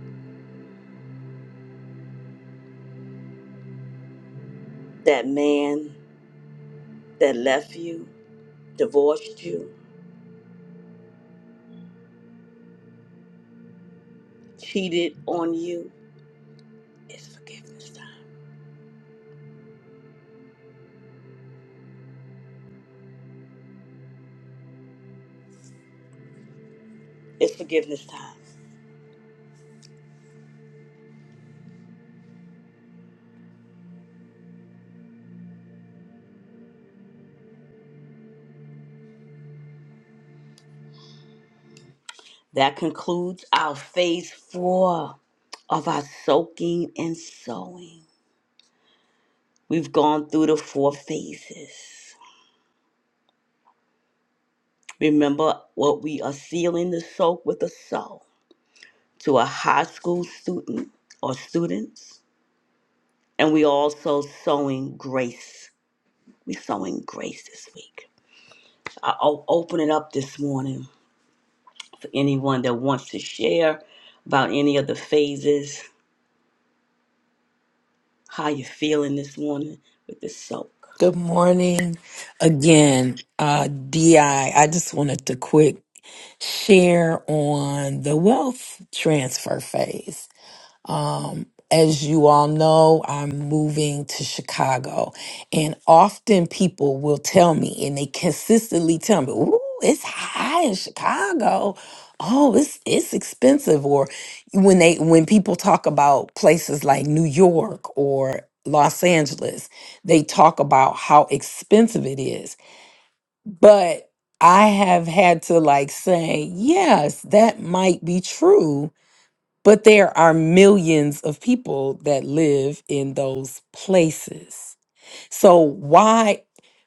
[SPEAKER 1] That man that left you, divorced you, cheated on you, it's forgiveness time. It's forgiveness time. That concludes our phase four of our soaking and sowing. We've gone through the four phases. Remember what we are sealing the soak with a sow to a high school student or students And we also sowing grace. we sowing grace this week. i o- open it up this morning for anyone that wants to share about any of the phases, how you're feeling this morning with the soak.
[SPEAKER 5] Good morning again, uh, DI. I I just wanted to quick share on the wealth transfer phase. Um, as you all know, I'm moving to Chicago, and often people will tell me, and they consistently tell me, "Ooh, it's high in Chicago. Oh, it's it's expensive." Or when they when people talk about places like New York or Los Angeles, they talk about how expensive it is. But I have had to like say, yes, that might be true but there are millions of people that live in those places. So why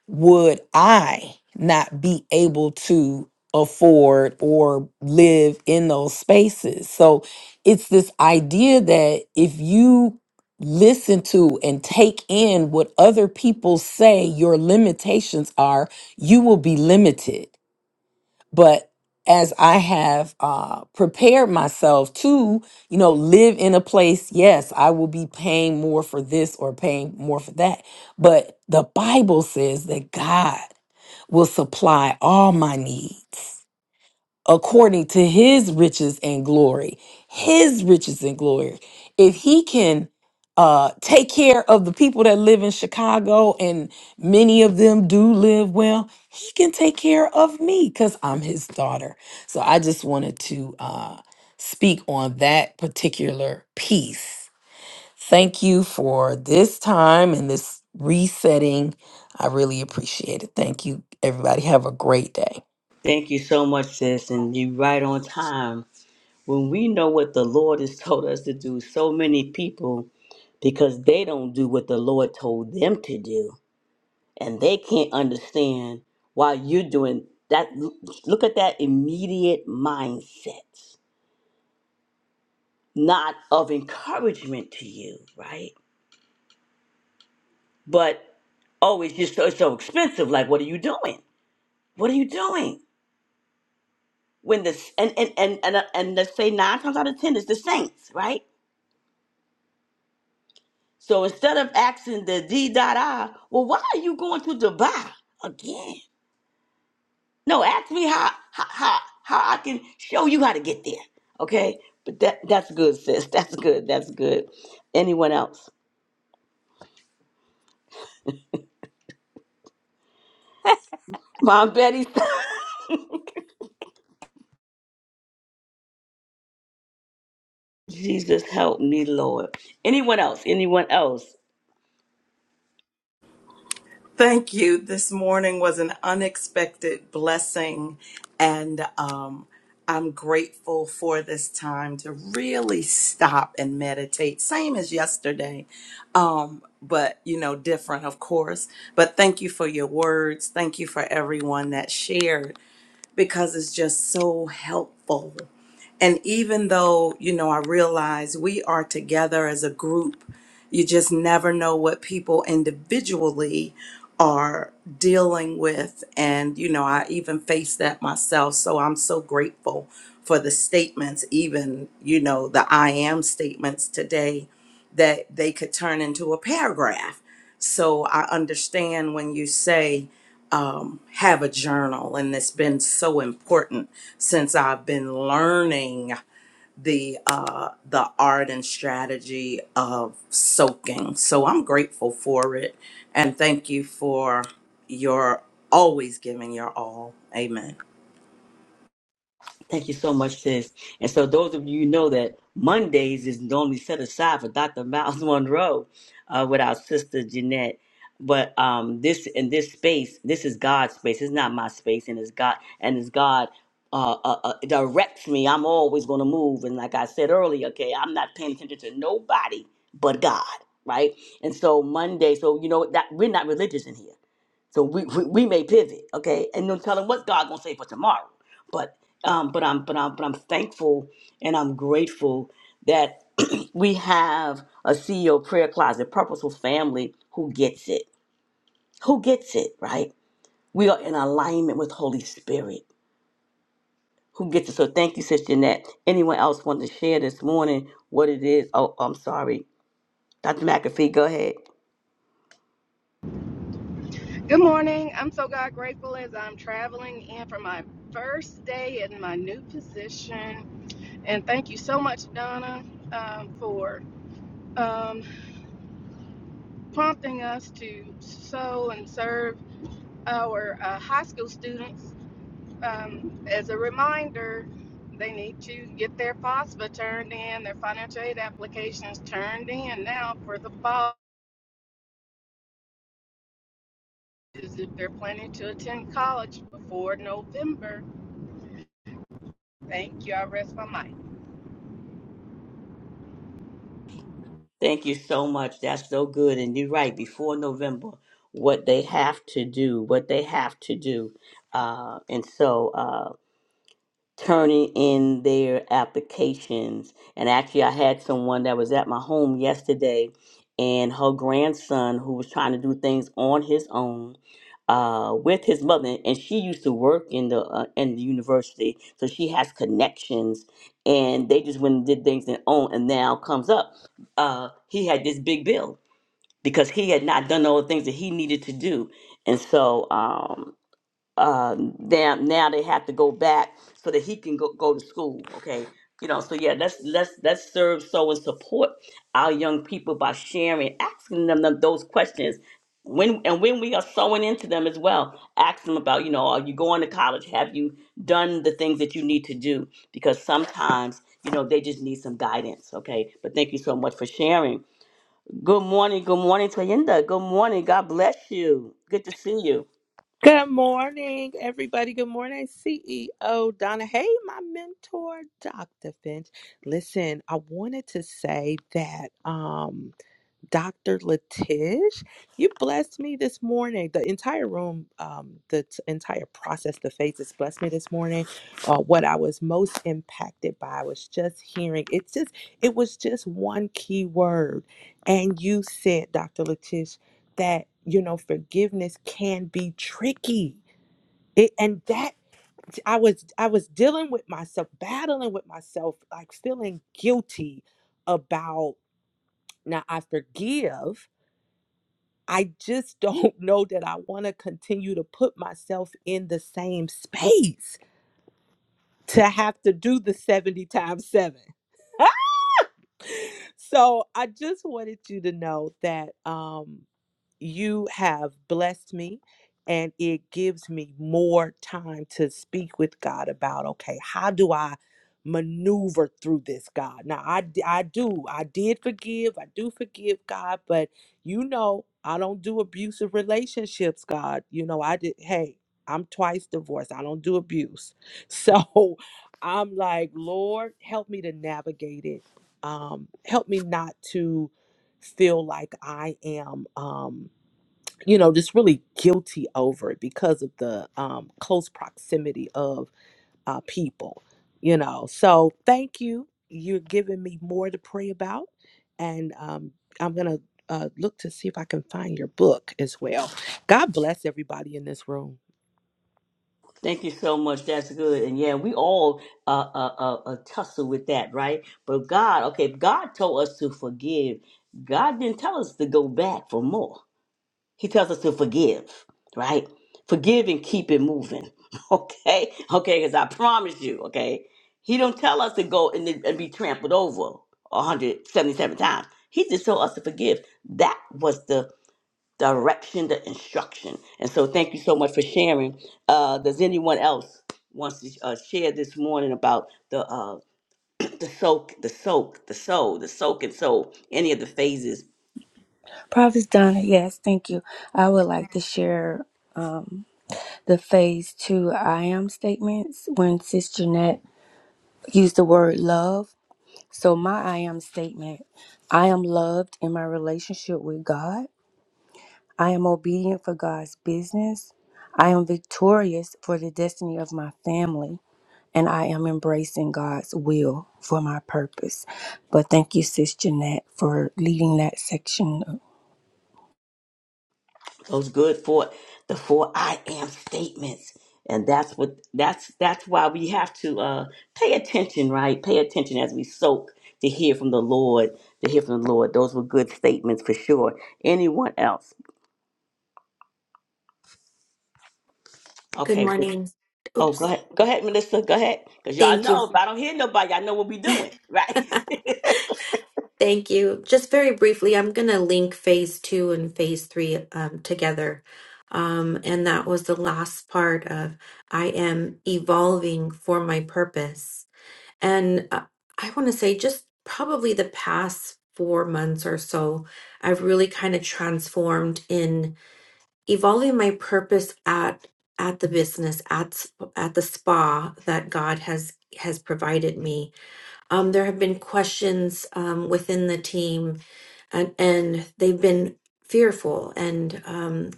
[SPEAKER 5] would I not be able to afford or live in those spaces? So it's this idea that if you listen to and take in what other people say your limitations are, you will be limited but as i have uh prepared myself to you know live in a place yes i will be paying more for this or paying more for that but the bible says that god will supply all my needs according to his riches and glory his riches and glory if he can uh take care of the people that live in chicago and many of them do live well he can take care of me because i'm his daughter so i just wanted to uh speak on that particular piece Thank you for this time and this resetting. I really appreciate it. Thank you, everybody. Have a great day.
[SPEAKER 1] Thank you so much, sis, and you right on time. When we know what the Lord has told us to do, so many people because they don't do what the Lord told them to do and they can't understand why you're doing that. Look look at that immediate mindset, not of encouragement to you, right? But oh, it's just so, it's so expensive. Like, what are you doing? What are you doing? When this and and and and, uh, and let's say nine times out of ten, it's the saints, right? So instead of asking the D dot I, well, why are you going to Dubai again? No, ask me how how how, how I can show you how to get there. Okay, but that that's good, sis. That's good. That's good. Anyone else? Mom Betty. Jesus help me, Lord. Anyone else? Anyone else?
[SPEAKER 2] Thank you. This morning was an unexpected blessing, and um, I'm grateful for this time to really stop and meditate. Same as yesterday, um, but you know, different, of course. But thank you for your words. Thank you for everyone that shared because it's just so helpful. And even though, you know, I realize we are together as a group, you just never know what people individually are dealing with. And, you know, I even face that myself. So I'm so grateful for the statements, even, you know, the I am statements today that they could turn into a paragraph. So I understand when you say, um, have a journal, and it's been so important since I've been learning the uh, the art and strategy of soaking. So I'm grateful for it, and thank you for your always giving your all. Amen.
[SPEAKER 1] Thank you so much, sis. And so, those of you who know that Mondays is normally set aside for Dr. Miles Monroe uh, with our sister Jeanette. But um, this in this space, this is God's space. It's not my space, and it's God, and it's God uh, uh, uh, directs me. I'm always going to move, and like I said earlier, okay, I'm not paying attention to nobody but God, right? And so Monday, so you know that we're not religious in here so we, we, we may pivot, okay? And no telling what God gonna say for tomorrow. But um, but I'm but I'm but I'm thankful and I'm grateful that we have a CEO prayer closet, purposeful family who gets it. Who gets it, right? We are in alignment with Holy Spirit. Who gets it? So thank you, Sister Jeanette. Anyone else want to share this morning what it is? Oh, I'm sorry. Dr. McAfee, go ahead.
[SPEAKER 6] Good morning. I'm so God grateful as I'm traveling in for my first day in my new position. And thank you so much, Donna, um, for um, prompting us to sow and serve our uh, high school students. Um, as a reminder, they need to get their FAFSA turned in, their financial aid applications turned in now for the fall, if they're planning to attend college before November. Thank you. I rest my mic.
[SPEAKER 1] Thank you so much. That's so good. And you're right. Before November, what they have to do, what they have to do. Uh, and so. uh, turning in their applications. And actually, I had someone that was at my home yesterday, and her grandson, who was trying to do things on his own uh, with his mother, and she used to work in the uh, in the university, so she has connections. And they just went and did things on their own, and now comes up. Uh, he had this big bill because he had not done all the things that he needed to do, and so. Um, um now now they have to go back so that he can go, go to school okay you know so yeah let's let's let's serve so and support our young people by sharing asking them, them those questions when and when we are sowing into them as well ask them about you know are you going to college have you done the things that you need to do because sometimes you know they just need some guidance okay but thank you so much for sharing good morning good morning toyinda good morning god bless you good to see you
[SPEAKER 7] Good morning, everybody. Good morning, CEO Donna. Hey, my mentor, Dr. Finch. Listen, I wanted to say that. Um, Dr. Letish, you blessed me this morning. The entire room, um, the t- entire process, the phases blessed me this morning. Uh, what I was most impacted by was just hearing. It's just, it was just one key word, and you said, Dr. Letish, that you know forgiveness can be tricky. It, and that I was, I was dealing with myself, battling with myself, like feeling guilty about. Now I forgive I just don't know that I want to continue to put myself in the same space to have to do the 70 times 7. so I just wanted you to know that um, you have blessed me and it gives me more time to speak with God about okay how do I maneuver through this God now I d- I do I did forgive I do forgive God but you know I don't do abusive relationships God you know I did hey I'm twice divorced I don't do abuse so I'm like Lord help me to navigate it um help me not to feel like I am um you know, just really guilty over it because of the um, close proximity of uh, people, you know. So thank you. You're giving me more to pray about. And um, I'm going to uh, look to see if I can find your book as well. God bless everybody in this room.
[SPEAKER 1] Thank you so much. That's good. And yeah, we all uh, uh, uh, uh, tussle with that, right? But God, okay, God told us to forgive. God didn't tell us to go back for more. He tells us to forgive, right? Forgive and keep it moving, okay? Okay, because I promise you, okay? He don't tell us to go and, and be trampled over 177 times. He just told us to forgive. That was the direction, the instruction. And so, thank you so much for sharing. Uh, does anyone else wants to uh, share this morning about the uh, the soak, the soak, the soul, the soak and soul? Any of the phases?
[SPEAKER 4] Prophet Donna, yes, thank you. I would like to share the phase two I am statements when Sis Jeanette used the word love. So, my I am statement I am loved in my relationship with God, I am obedient for God's business, I am victorious for the destiny of my family. and I am embracing God's will for my purpose. But thank you, Sis Jeanette, for leading that section
[SPEAKER 1] Those good for the four I am statements. And that's what that's that's why we have to uh, pay attention, right? Pay attention as we soak to hear from the Lord, to hear from the Lord. Those were good statements for sure. Anyone else?
[SPEAKER 3] Good
[SPEAKER 1] Okay,
[SPEAKER 3] morning.
[SPEAKER 1] Oh, go
[SPEAKER 3] Oops.
[SPEAKER 1] ahead. Go ahead, Melissa. Go ahead. Because y'all
[SPEAKER 3] Thank you.
[SPEAKER 1] know if I don't hear nobody, y'all know what we doing. Right.
[SPEAKER 3] Thank you. Just very briefly, I'm going to link phase two and phase three um, together. Um, and that was the last part of I am evolving for my purpose And uh, I want to say, just probably the past four months or so, I've really kind of transformed in evolving my purpose at at the business at sp- at the spa that God has has provided me. Um, there have been questions um, within the team, and and they've been fearful, and um,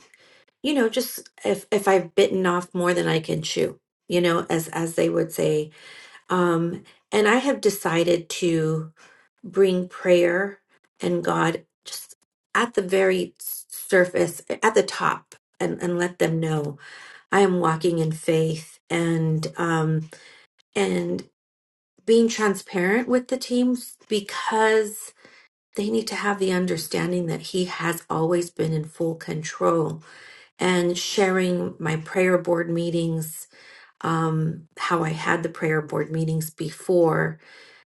[SPEAKER 3] you know, just if if I've bitten off more than I can chew, you know, as as they would say, um, and I have decided to bring prayer and God just at the very s- surface, at the top, and, and let them know I am walking in faith and um, and being transparent with the teams because they need to have the understanding that He has always been in full control. And sharing my prayer board meetings, um, how I had the prayer board meetings before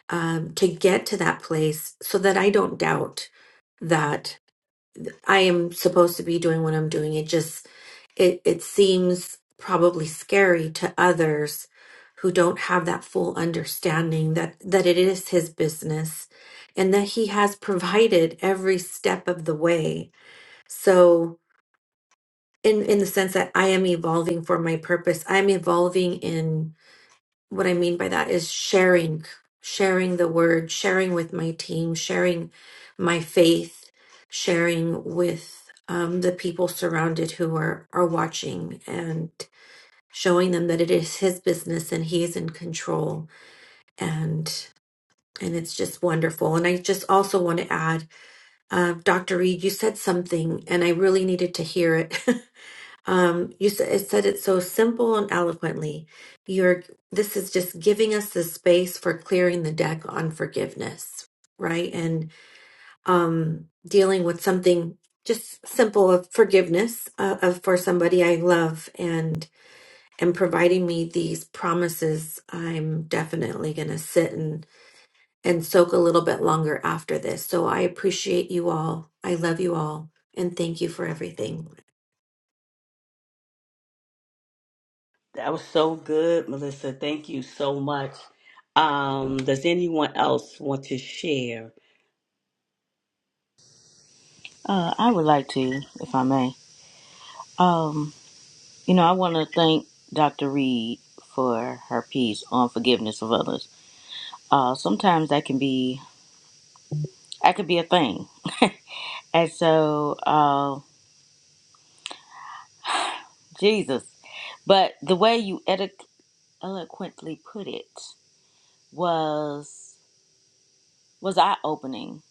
[SPEAKER 3] um, to get to that place so that I don't doubt that I am supposed to be doing what I'm doing. It just it it seems probably scary to others who don't have that full understanding that that it is his business and that he has provided every step of the way. So in in the sense that I am evolving for my purpose, I am evolving in what I mean by that is sharing, sharing the word, sharing with my team, sharing my faith, sharing with um, the people surrounded who are are watching, and showing them that it is his business and he is in control. And and it's just wonderful. And I just also want to add, uh, Dr. Reed, you said something, and I really needed to hear it. Um, you said it said it so simple and eloquently. You're this is just giving us the space for clearing the deck on forgiveness, right? And um, dealing with something just simple of forgiveness uh, of for somebody I love and and providing me these promises. I'm definitely gonna sit and and soak a little bit longer after this. So I appreciate you all. I love you all, and thank you for everything.
[SPEAKER 1] that was so good, Melissa. Thank you so much. Um, does anyone else want to share?
[SPEAKER 8] Uh, I would like to, if I may. Um, you know, I want to thank Dr. Reed for her piece on forgiveness of others. Uh, sometimes that can be that could be a thing, and so uh, Jesus. But the way you edi- eloquently put it was was eye opening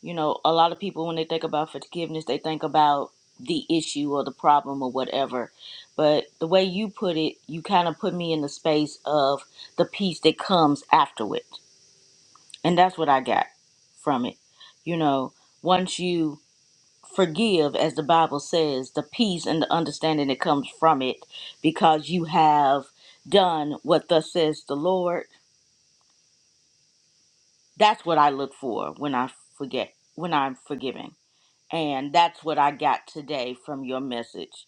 [SPEAKER 8] You know, a lot of people, when they think about forgiveness, they think about the issue or the problem or whatever. But the way you put it, you kind of put me in the space of the peace that comes after it. And that's what I got from it. You know, once you forgive, as the Bible says, the peace and the understanding that comes from it because you have done what thus says the Lord. That's what I look for when I forget, when I'm forgiving And that's what I got today from your message,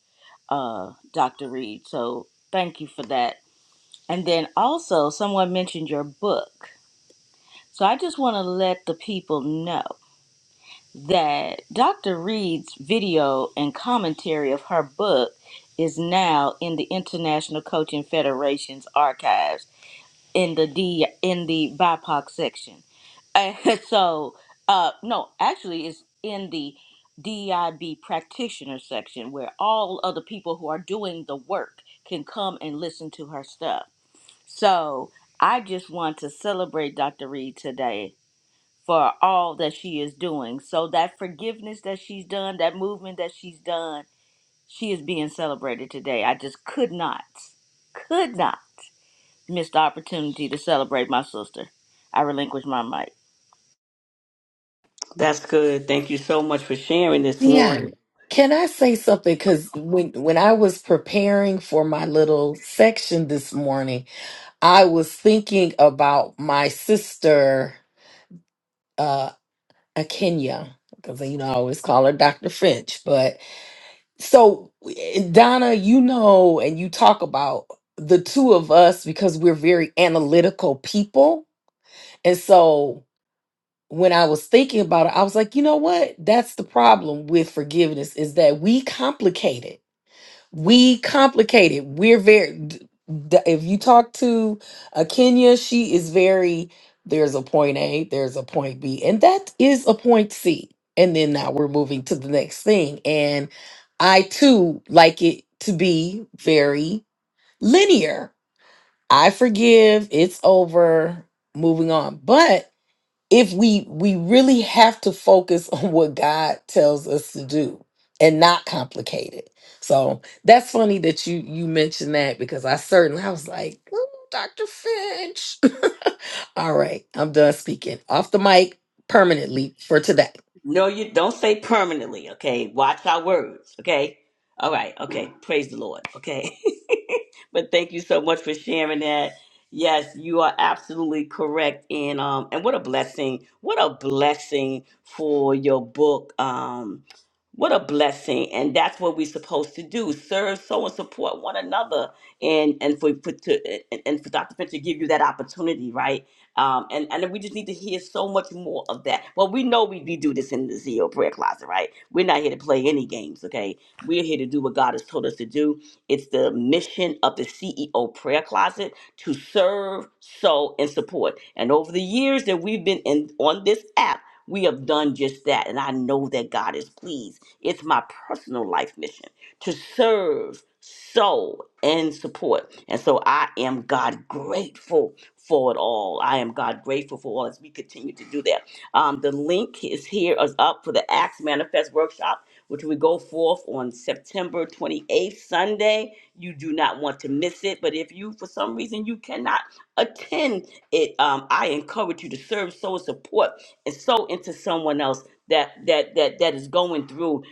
[SPEAKER 8] uh, Dr. Reed. So thank you for that. And then also, someone mentioned your book. So I just want to let the people know that Dr. Reed's video and commentary of her book is now in the International Coaching Federation's archives in the D in the BIPOC section. And so, uh, no, actually, it's in the DIB practitioner section where all of the people who are doing the work can come and listen to her stuff. So, I just want to celebrate Dr. Reed today for all that she is doing. So, that forgiveness that she's done, that movement that she's done, she is being celebrated today. I just could not, could not missed the opportunity to celebrate my sister. I relinquish my mic.
[SPEAKER 1] That's good. Thank you so much for sharing this morning.
[SPEAKER 5] Dion, Can I say something? Because when when I was preparing for my little section this morning, I was thinking about my sister, uh, Akenya, because you know I always call her Dr. Finch. But so Donna, you know, and you talk about the two of us because we're very analytical people, and so when I was thinking about it, I was like, you know what? That's the problem with forgiveness is that we complicate it we complicate it. We're very. d- d- If you talk to a Kenya, she is very. There's a point A. There's a point B, and that is a point C. And then now we're moving to the next thing. And I too like it to be very linear. I forgive. It's over. Moving on. But if we we really have to focus on what God tells us to do and not complicate it. So that's funny that you you mentioned that because I certainly I was like, "Ooh, Dr. Finch. All right, I'm done speaking. Off the mic permanently for today.
[SPEAKER 1] No, you don't say permanently, okay? Watch our words, okay? All right, okay. Praise the Lord, okay? but thank you so much for sharing that. Yes, you are absolutely correct. And um and what a blessing. What a blessing for your book. Um what a blessing. And that's what we're supposed to do. Serve, so and support one another. And and for, for to and, and for Dr. Finch to give you that opportunity, right? Um, and, and we just need to hear so much more of that. Well, we know we, we do this in the Zio prayer closet, right? We're not here to play any games, okay? We're here to do what God has told us to do. It's the mission of the CEO prayer closet to serve, sow, and support. And over the years that we've been in on this app, we have done just that. And I know that God is pleased. It's my personal life mission to serve, sow, and support. And so I am God grateful for it all. I am God grateful for all as we continue to do that. Um, the link is here is up for the Acts Manifest Workshop, which we go forth on September 28th, Sunday. You do not want to miss it, but if you, for some reason, you cannot attend it, um, I encourage you to serve, sow, and support, and sow into someone else that that that that is going through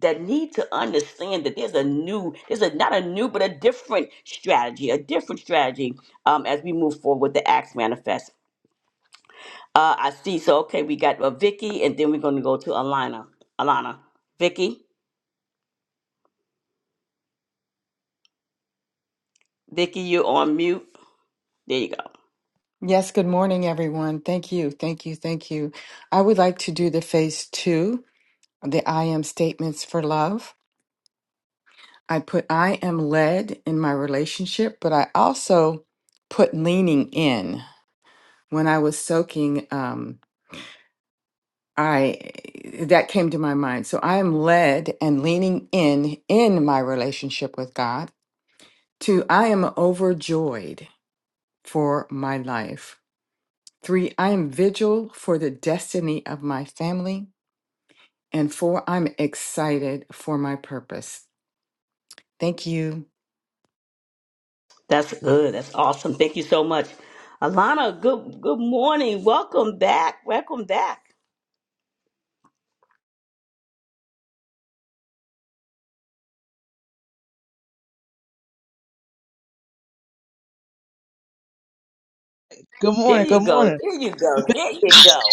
[SPEAKER 1] that need to understand that there's a new, there's a not a new, but a different strategy, a different strategy um, as we move forward with the Acts manifest. Uh, I see. So okay, we got uh, Vicky, and then we're going to go to Alana. Alana, Vicky, Vicky, you're on mute. There you go.
[SPEAKER 9] Yes, good morning, everyone. Thank you, thank you, thank you. I would like to do the phase two, the I am statements for love. I put I am led in my relationship, but I also put leaning in. When I was soaking, um, I that came to my mind. So I am led and leaning in in my relationship with God. Two, I am overjoyed for my life. Three, I am vigil for the destiny of my family. And four, I'm excited for my purpose. Thank you.
[SPEAKER 1] That's good. That's awesome. Thank you so much, Alana. Good good morning. Welcome back. Welcome back.
[SPEAKER 10] Good
[SPEAKER 1] There
[SPEAKER 10] morning.
[SPEAKER 1] you
[SPEAKER 10] Good
[SPEAKER 1] go.
[SPEAKER 10] morning.
[SPEAKER 1] There you go. There you go.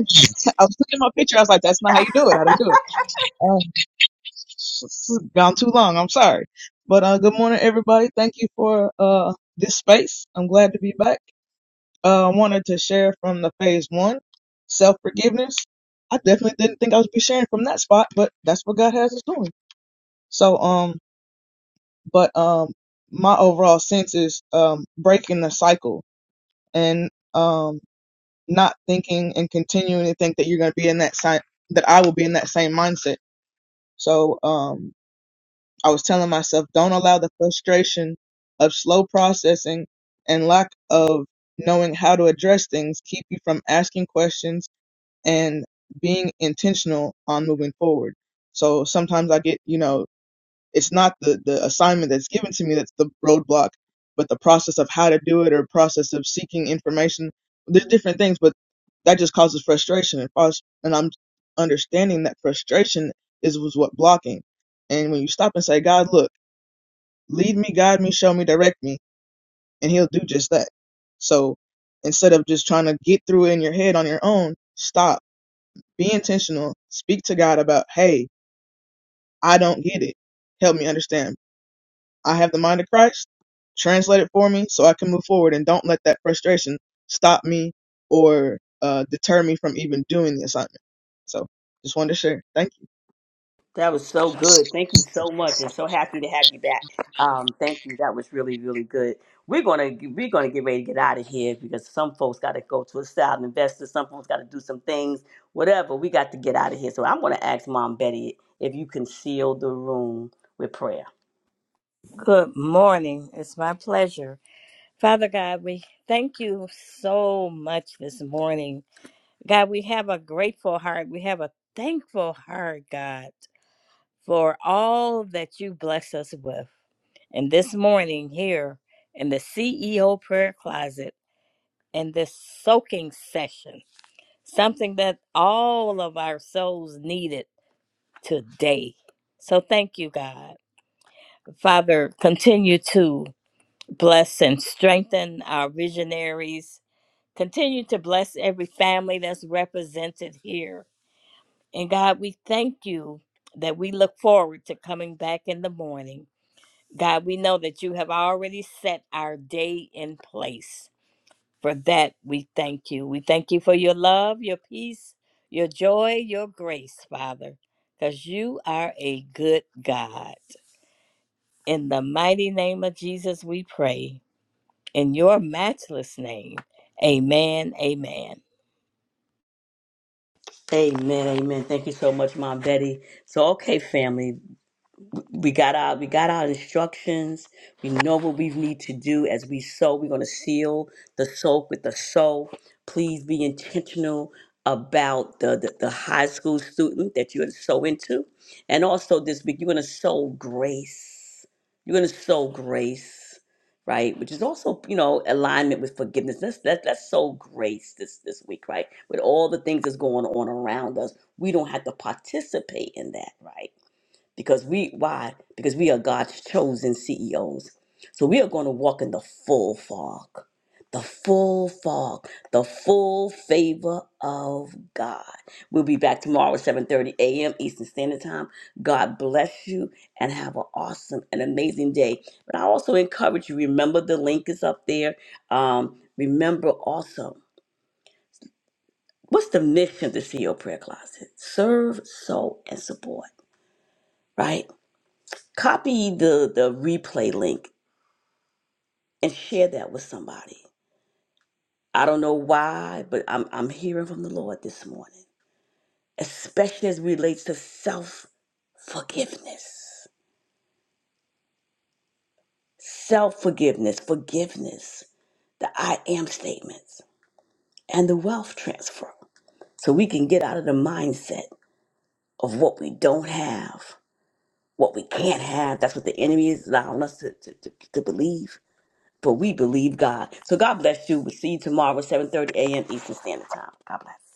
[SPEAKER 10] I was looking at my picture. I was like, that's not how you do it. How do you do it? Uh, s- s- gone too long. I'm sorry. But uh, good morning, everybody. Thank you for uh, this space. I'm glad to be back. Uh, I wanted to share from the phase one, self forgiveness. I definitely didn't think I would be sharing from that spot, but that's what God has us doing. So, um, but um, my overall sense is um, breaking the cycle and um. not thinking and continuing to think that you're going to be in that same that I will be in that same mindset. So um, I was telling myself, don't allow the frustration of slow processing and lack of knowing how to address things keep you from asking questions and being intentional on moving forward. So sometimes I get, you know, it's not the, the assignment that's given to me that's the roadblock, but the process of how to do it or process of seeking information. There's different things, but that just causes frustration and frust- and I'm understanding that frustration is was what blocking. And when you stop and say, God, look, lead me, guide me, show me, direct me, and he'll do just that. So instead of just trying to get through it in your head on your own, stop. Be intentional. Speak to God about, hey, I don't get it. Help me understand I have the mind of Christ. Translate it for me so I can move forward and don't let that frustration stop me or uh, deter me from even doing the assignment. So just wanted to share. Thank you.
[SPEAKER 1] That was so good. Thank you so much, and so happy to have you back. Um, thank you. That was really, really good. We're gonna we're gonna get ready to get out of here because some folks got to go to a style investor. Some folks got to do some things. Whatever, we got to get out of here. So I'm gonna ask Mom Betty if you can seal the room with prayer.
[SPEAKER 11] Good morning. It's my pleasure. Father God, we thank you so much this morning. God, we have a grateful heart. We have a thankful heart, God, for all that you bless us with. And this morning, here in the CEO prayer closet, in this soaking session, something that all of our souls needed today. So thank you, God. Father, continue to. bless and strengthen our visionaries. Continue to bless every family that's represented here. And God, we thank you that we look forward to coming back in the morning. God, we know that you have already set our day in place. For that, we thank you. We thank you for your love, your peace, your joy, your grace, Father, because you are a good God. In the mighty name of Jesus, we pray. in your matchless name. Amen. Amen.
[SPEAKER 1] Amen. Amen. Thank you so much, Mom Betty. So okay, family. we got our we got our instructions. We know what we need to do as we sow. We're gonna seal the soak with the sow. Please be intentional about the, the, the high school student that you're gonna sow into. And also this week, you're gonna sow grace. You're gonna sow grace, right? Which is also, you know, alignment with forgiveness. Let's let, let's sow grace this this week, right? With all the things that's going on around us. We don't have to participate in that, right? because we why because we are god's chosen ceos so we are going to walk in the full fog the full fog the full favor of god we'll be back tomorrow at 7.30 a.m eastern standard time god bless you and have an awesome and amazing day but i also encourage you remember the link is up there um, remember also what's the mission of the ceo prayer closet serve sow and support right copy the the replay link and share that with somebody. I don't know why, but I'm I'm hearing from the Lord this morning, especially as it relates to self forgiveness, self forgiveness, forgiveness, the I am statements, and the wealth transfer, so we can get out of the mindset of what we don't have, what we can't have. That's what the enemy is allowing us to to, to, to believe but we believe God. So God bless you. We'll see you tomorrow at 7.30 a.m. Eastern Standard Time. God bless.